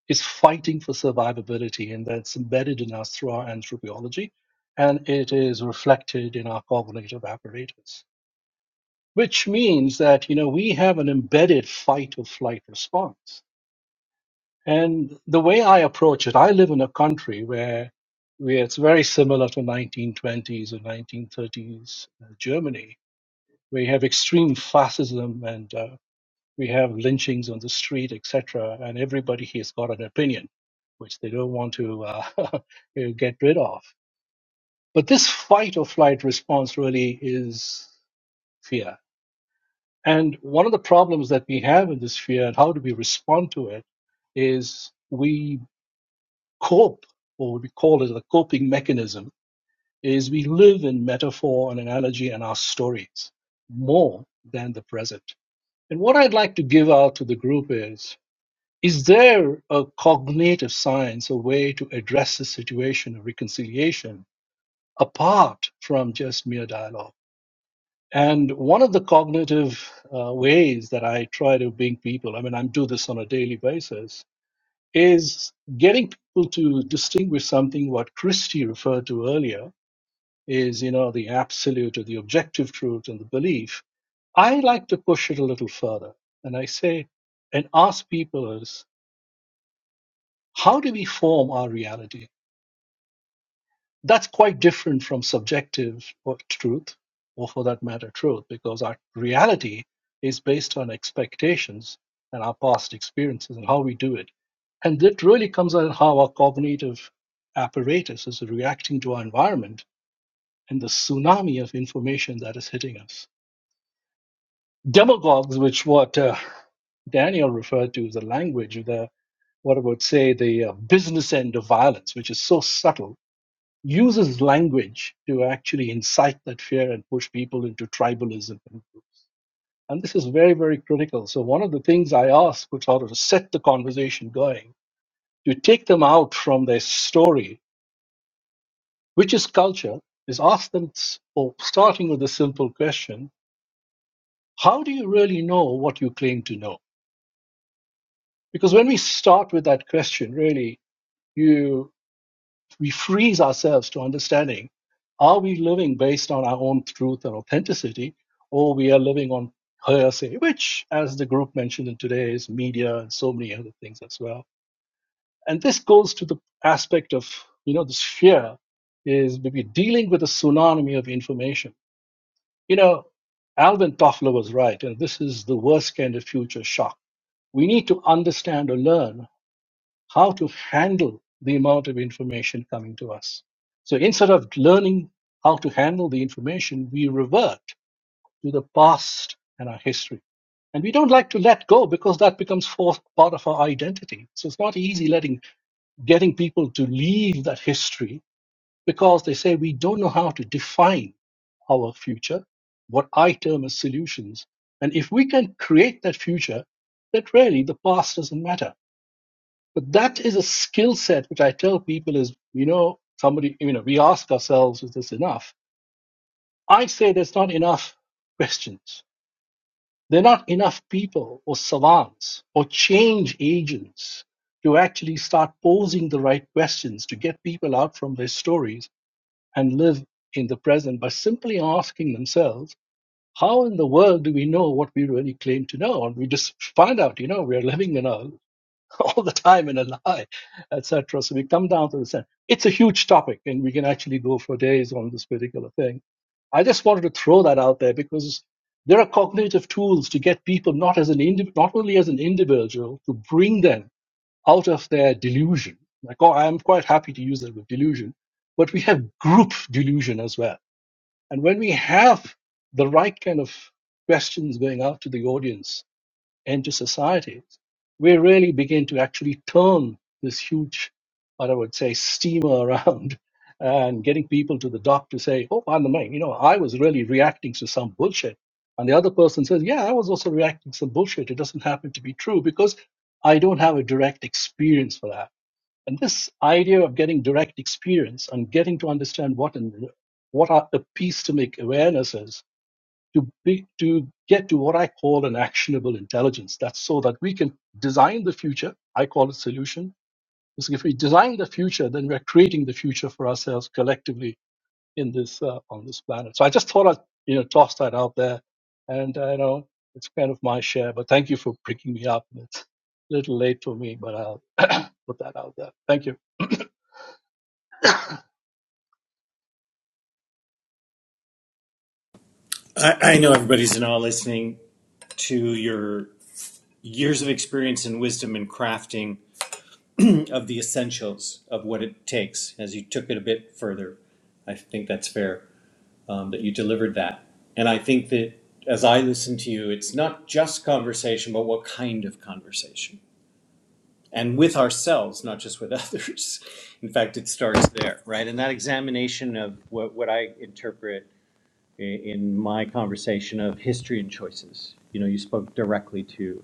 is fighting for survivability, and that's embedded in us through our anthropology, and it is reflected in our cognitive apparatus. Which means that you know we have an embedded fight or flight response. And the way I approach it, I live in a country where, where it's very similar to 1920s or 1930s uh, Germany, where you have extreme fascism and uh, we have lynchings on the street, etc., and everybody has got an opinion, which they don't want to uh, get rid of. But this fight or flight response really is fear. And one of the problems that we have in this fear and how do we respond to it is we cope, or we call it a coping mechanism, is we live in metaphor and analogy and our stories more than the present. And what I'd like to give out to the group is Is there a cognitive science, a way to address the situation of reconciliation apart from just mere dialogue? And one of the cognitive uh, ways that I try to bring people, I mean, I do this on a daily basis, is getting people to distinguish something what Christie referred to earlier is, you know, the absolute or the objective truth and the belief. I like to push it a little further. And I say, and ask people how do we form our reality? That's quite different from subjective or truth, or for that matter, truth, because our reality is based on expectations and our past experiences and how we do it. And that really comes out in how our cognitive apparatus is reacting to our environment and the tsunami of information that is hitting us. Demagogues, which what uh, Daniel referred to as a language, the what I would say the uh, business end of violence, which is so subtle uses language to actually incite that fear and push people into tribalism and groups. And this is very, very critical. So one of the things I ask was sort of set the conversation going, to take them out from their story, which is culture, is ask them, or starting with a simple question, how do you really know what you claim to know? Because when we start with that question, really, you. we freeze ourselves to understanding are we living based on our own truth and authenticity or we are living on hearsay which as the group mentioned in today's media and so many other things as well and this goes to the aspect of you know this fear is maybe dealing with a tsunami of information you know alvin toffler was right and this is the worst kind of future shock we need to understand or learn how to handle the amount of information coming to us. So instead of learning how to handle the information, we revert to the past and our history. And we don't like to let go because that becomes fourth part of our identity. So it's not easy letting getting people to leave that history because they say we don't know how to define our future, what I term as solutions. And if we can create that future, that really the past doesn't matter but that is a skill set which I tell people is, you know, somebody, you know, we ask ourselves, is this enough? I say there's not enough questions. There are not enough people or savants or change agents to actually start posing the right questions to get people out from their stories and live in the present by simply asking themselves, how in the world do we know what we really claim to know? And we just find out, you know, we're living in a all the time in a lie, etc. So we come down to the center. It's a huge topic, and we can actually go for days on this particular thing. I just wanted to throw that out there because there are cognitive tools to get people not as an indiv- not only as an individual to bring them out of their delusion. Like, oh, I'm quite happy to use that word delusion, but we have group delusion as well. And when we have the right kind of questions going out to the audience, and to society, we really begin to actually turn this huge, what I would say, steamer around and getting people to the dock to say, oh, by the way, you know, I was really reacting to some bullshit. And the other person says, yeah, I was also reacting to some bullshit. It doesn't happen to be true because I don't have a direct experience for that. And this idea of getting direct experience and getting to understand what and what are the piece to make awarenesses to be, to get to what I call an actionable intelligence. That's so that we can design the future. I call it solution. Because if we design the future, then we're creating the future for ourselves collectively in this uh, on this planet. So I just thought I'd you know toss that out there, and I uh, you know it's kind of my share. But thank you for picking me up. It's a little late for me, but I'll put that out there. Thank you.
I, I know everybody's now listening to your years of experience and wisdom in crafting of the essentials of what it takes. As you took it a bit further, I think that's fair um, that you delivered that. And I think that as I listen to you, it's not just conversation, but what kind of conversation. And with ourselves, not just with others. In fact, it starts there, right? And that examination of what, what I interpret i- in my conversation of history and choices. You know, you spoke directly to.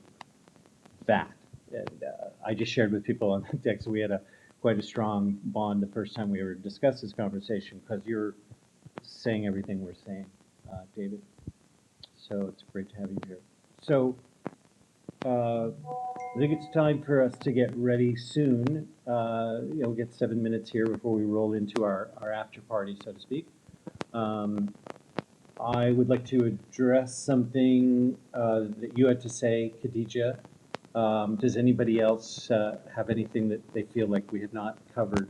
that. And, uh, I just shared with people on the deck, so we had a, quite a strong bond the first time we ever discussed this conversation, because you're saying everything we're saying, uh, David. So it's great to have you here. So, uh, I think it's time for us to get ready soon. Uh, You'll get seven minutes here before we roll into our, our after party, so to speak. Um, I would like to address something uh, that you had to say, Khadija. Um, Does anybody else uh, have anything that they feel like we have not covered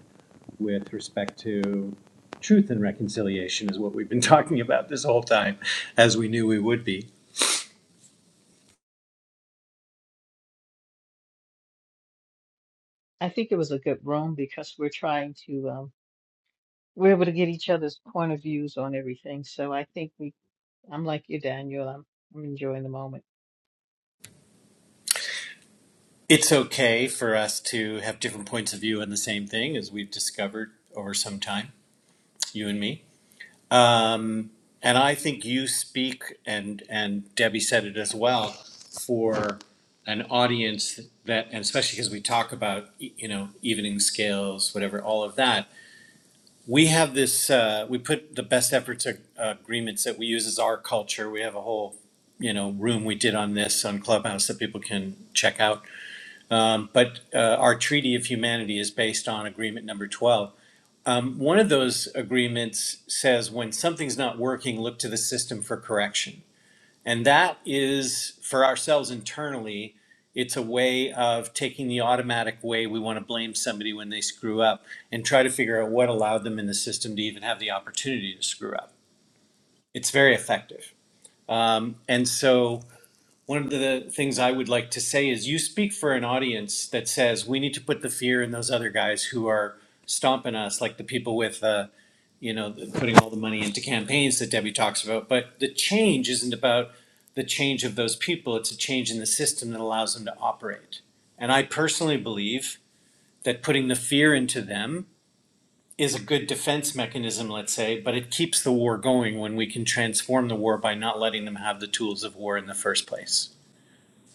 with respect to truth and reconciliation is what we've been talking about this whole time, as we knew we would be.
I think it was a good room because we're trying to, um, we're able to get each other's point of views on everything. So I think we, I'm like you, Daniel, I'm, I'm enjoying the moment.
It's okay for us to have different points of view on the same thing, as we've discovered over some time, you and me. And I think you speak, and and Debbie said it as well, for an audience that, and especially because we talk about y- you know evening scales, whatever, all of that. We have this. Uh, we put the best efforts ag- agreements that we use as our culture. We have a whole you know room we did on this on Clubhouse that people can check out. Um, but uh, our Treaty of Humanity is based on Agreement Number Twelve um, one of those agreements says when something's not working, look to the system for correction. And that is for ourselves internally, it's a way of taking the automatic way we want to blame somebody when they screw up and try to figure out what allowed them in the system to even have the opportunity to screw up. It's very effective. Um, and so one of the things I would like to say is you speak for an audience that says we need to put the fear in those other guys who are stomping us, like the people with, uh, you know, the- putting all the money into campaigns that Debbie talks about. But the change isn't about the change of those people, it's a change in the system that allows them to operate. And I personally believe that putting the fear into them is a good defense mechanism, let's say, but it keeps the war going when we can transform the war by not letting them have the tools of war in the first place.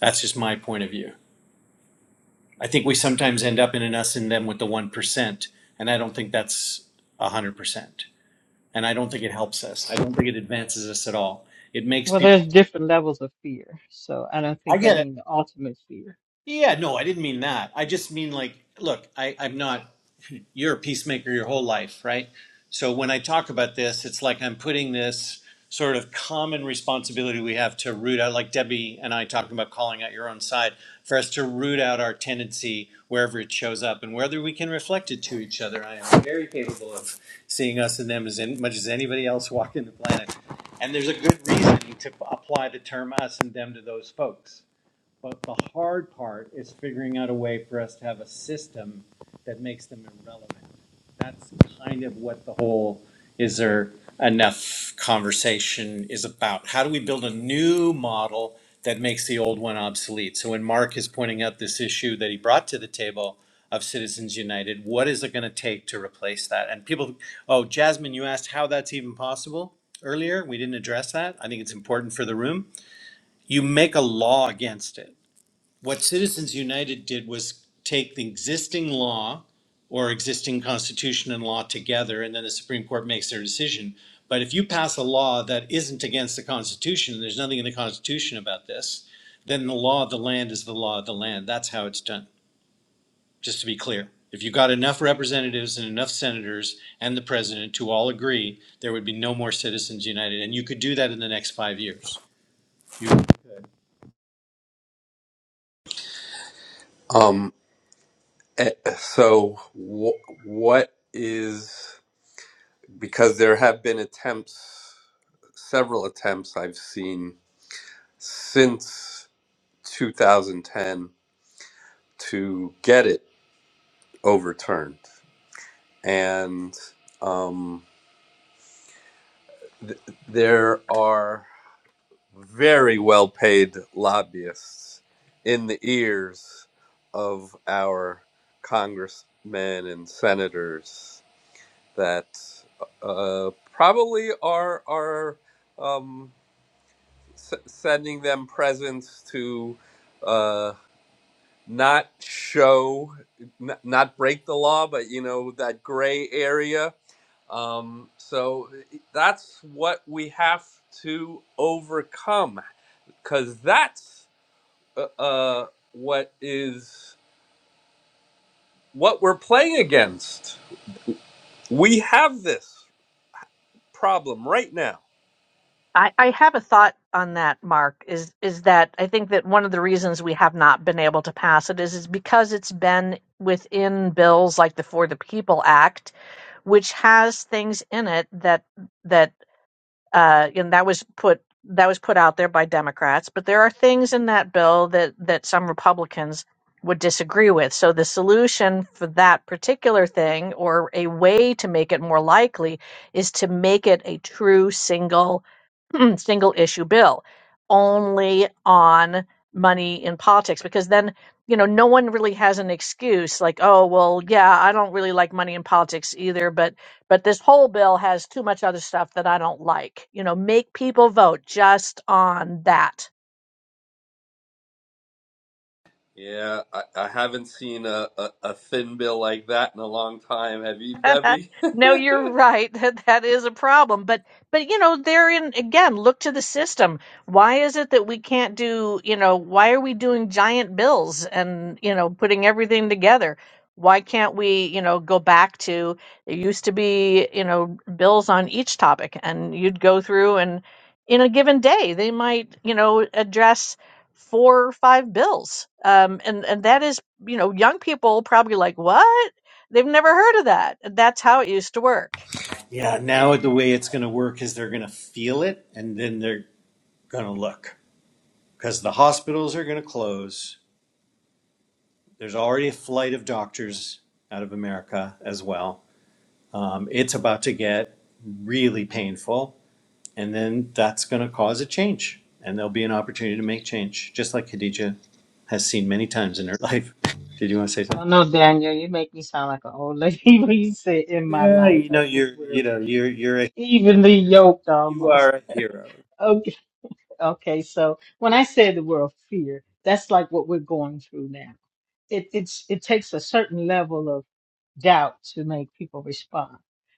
That's just my point of view. I think we sometimes end up in an us and them with the one percent, and I don't think that's a hundred percent. And I don't think it helps us. I don't think it advances us at all. It makes
Well,
people,
there's different levels of fear. So I don't
I
think I
get it.
mean the ultimate fear
Yeah, no, I didn't mean that. I just mean like, look, I, I'm not, you're a peacemaker your whole life, right? So when I talk about this, it's like I'm putting this sort of common responsibility we have to root out, like Debbie and I talking about calling out your own side, for us to root out our tendency wherever it shows up and whether we can reflect it to each other. I am very capable of seeing us and them as in- much as anybody else walking the planet. And there's a good reason to apply the term us and them to those folks but the hard part is figuring out a way for us to have a system that makes them irrelevant. That's kind of what the whole is there enough conversation is about. How do we build a new model that makes the old one obsolete? So when Mark is pointing out this issue that he brought to the table of Citizens United, what is it going to take to replace that? And people, oh, Jasmine, you asked how that's even possible earlier. We didn't address that. I think it's important for the room. You make a law against it what Citizens United did was take the existing law or existing constitution and law together, and then the Supreme Court makes their decision. But if you pass a law that isn't against the Constitution, and there's nothing in the Constitution about this, then the law of the land is the law of the land. That's how it's done, just to be clear. If you got enough representatives and enough senators and the president to all agree, there would be no more Citizens United. And you could do that in the next five years. You
Um. eh, So, wh- what is? because there have been attempts, several attempts I've seen since 2010 to get it overturned. And um, th- there are very well paid lobbyists in the ears of our congressmen and senators that uh, probably are, are. um, s- sending them presents to uh, not show, n- not break the law, but you know that gray area. Um, so that's what we have to overcome, because that's uh, uh, what is what we're playing against. We have this problem right now.
I, I have a thought on that, Mark, is is that I think that one of the reasons we have not been able to pass it is is because it's been within bills like the For the People Act, which has things in it that that uh, and that was put that was put out there by Democrats. But there are things in that bill that that some Republicans would disagree with. So the solution for that particular thing, or a way to make it more likely, is to make it a true single single issue bill, only on money in politics, because then. You know, no one really has an excuse like, oh, well, yeah, I don't really like money in politics either, but but this whole bill has too much other stuff that I don't like. You know, make people vote just on that
Yeah, I, I haven't seen a, a, a thin bill like that in a long time. Have you, Debbie?
no, you're right. That that is a problem. But but you know, therein again, look to the system. Why is it that we can't do, you know, why are we doing giant bills and, you know, putting everything together? Why can't we, you know, go back to it used to be, you know, bills on each topic and you'd go through and in a given day they might, you know, address four or five bills. Um and and that is, you know, young people probably like, "What?" They've never heard of that. That's how it used to work.
Yeah, now the way it's going to work is they're going to feel it and then they're going to look because the hospitals are going to close. There's already a flight of doctors out of America as well. Um, it's about to get really painful, and then that's going to cause a change, and there'll be an opportunity to make change, just like Khadija has seen many times in her life. Did you want to say
I
something?
don't know, Daniel. You make me sound like an old lady when you say in my
Yeah,
life.
you
I
know,
think
you're, you
we're
know, you're, you're a,
evenly yoked
you are
almost.
a hero.
Okay, okay. So when I say the word fear, that's like what we're going through now. It it's it takes a certain level of doubt to make people respond.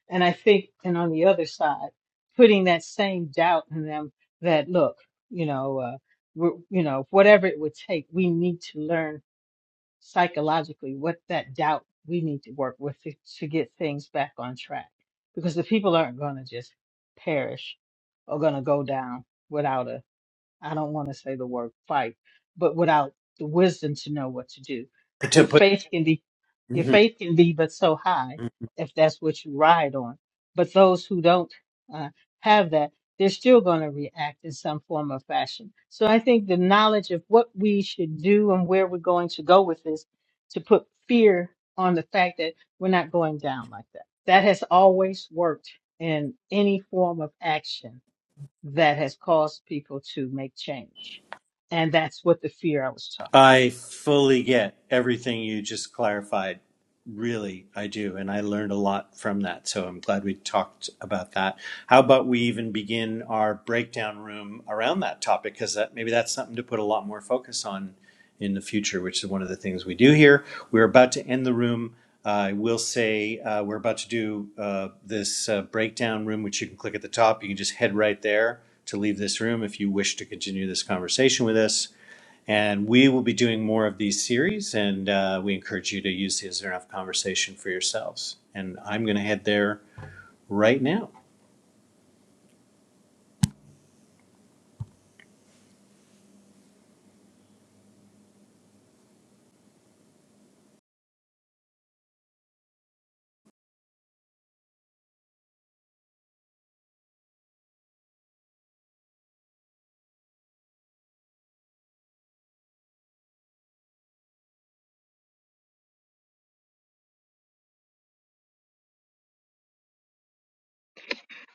And I think, and on the other side, putting that same doubt in them that look, you know, uh, we're, you know, whatever it would take, we need to learn psychologically what that doubt we need to work with to, to get things back on track because the people aren't going to just perish or going to go down without a. I don't want to say the word fight, but without the wisdom to know what to do.
To
Your
put.
faith can be your
Mhm.
faith can be but so high if that's what you ride on. But those who don't uh, have that, they're still going to react in some form or fashion. So I think the knowledge of what we should do and where we're going to go with this to put fear on the fact that we're not going down like that. That has always worked in any form of action that has caused people to make change. And that's what the fear I was talking about.
I fully get everything you just clarified. Really, I do. And I learned a lot from that. So I'm glad we talked about that. How about we even begin our breakdown room around that topic? Because that, maybe that's something to put a lot more focus on in the future, which is one of the things we do here. We're about to end the room. I will say uh, we're about to do uh, this uh, breakdown room, which you can click at the top. You you can just head right there to to leave this this room if you wish to continue this conversation with us. And we will be doing more of these series, and uh, we encourage you to use the Is There Enough conversation for yourselves. And I'm going to head there right now.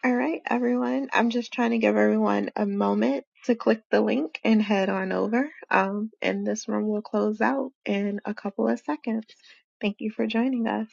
All right, everyone. I'm just trying to give everyone a moment to click the link and head on over. Um, and this room will close out in a couple of seconds. Thank you for joining us.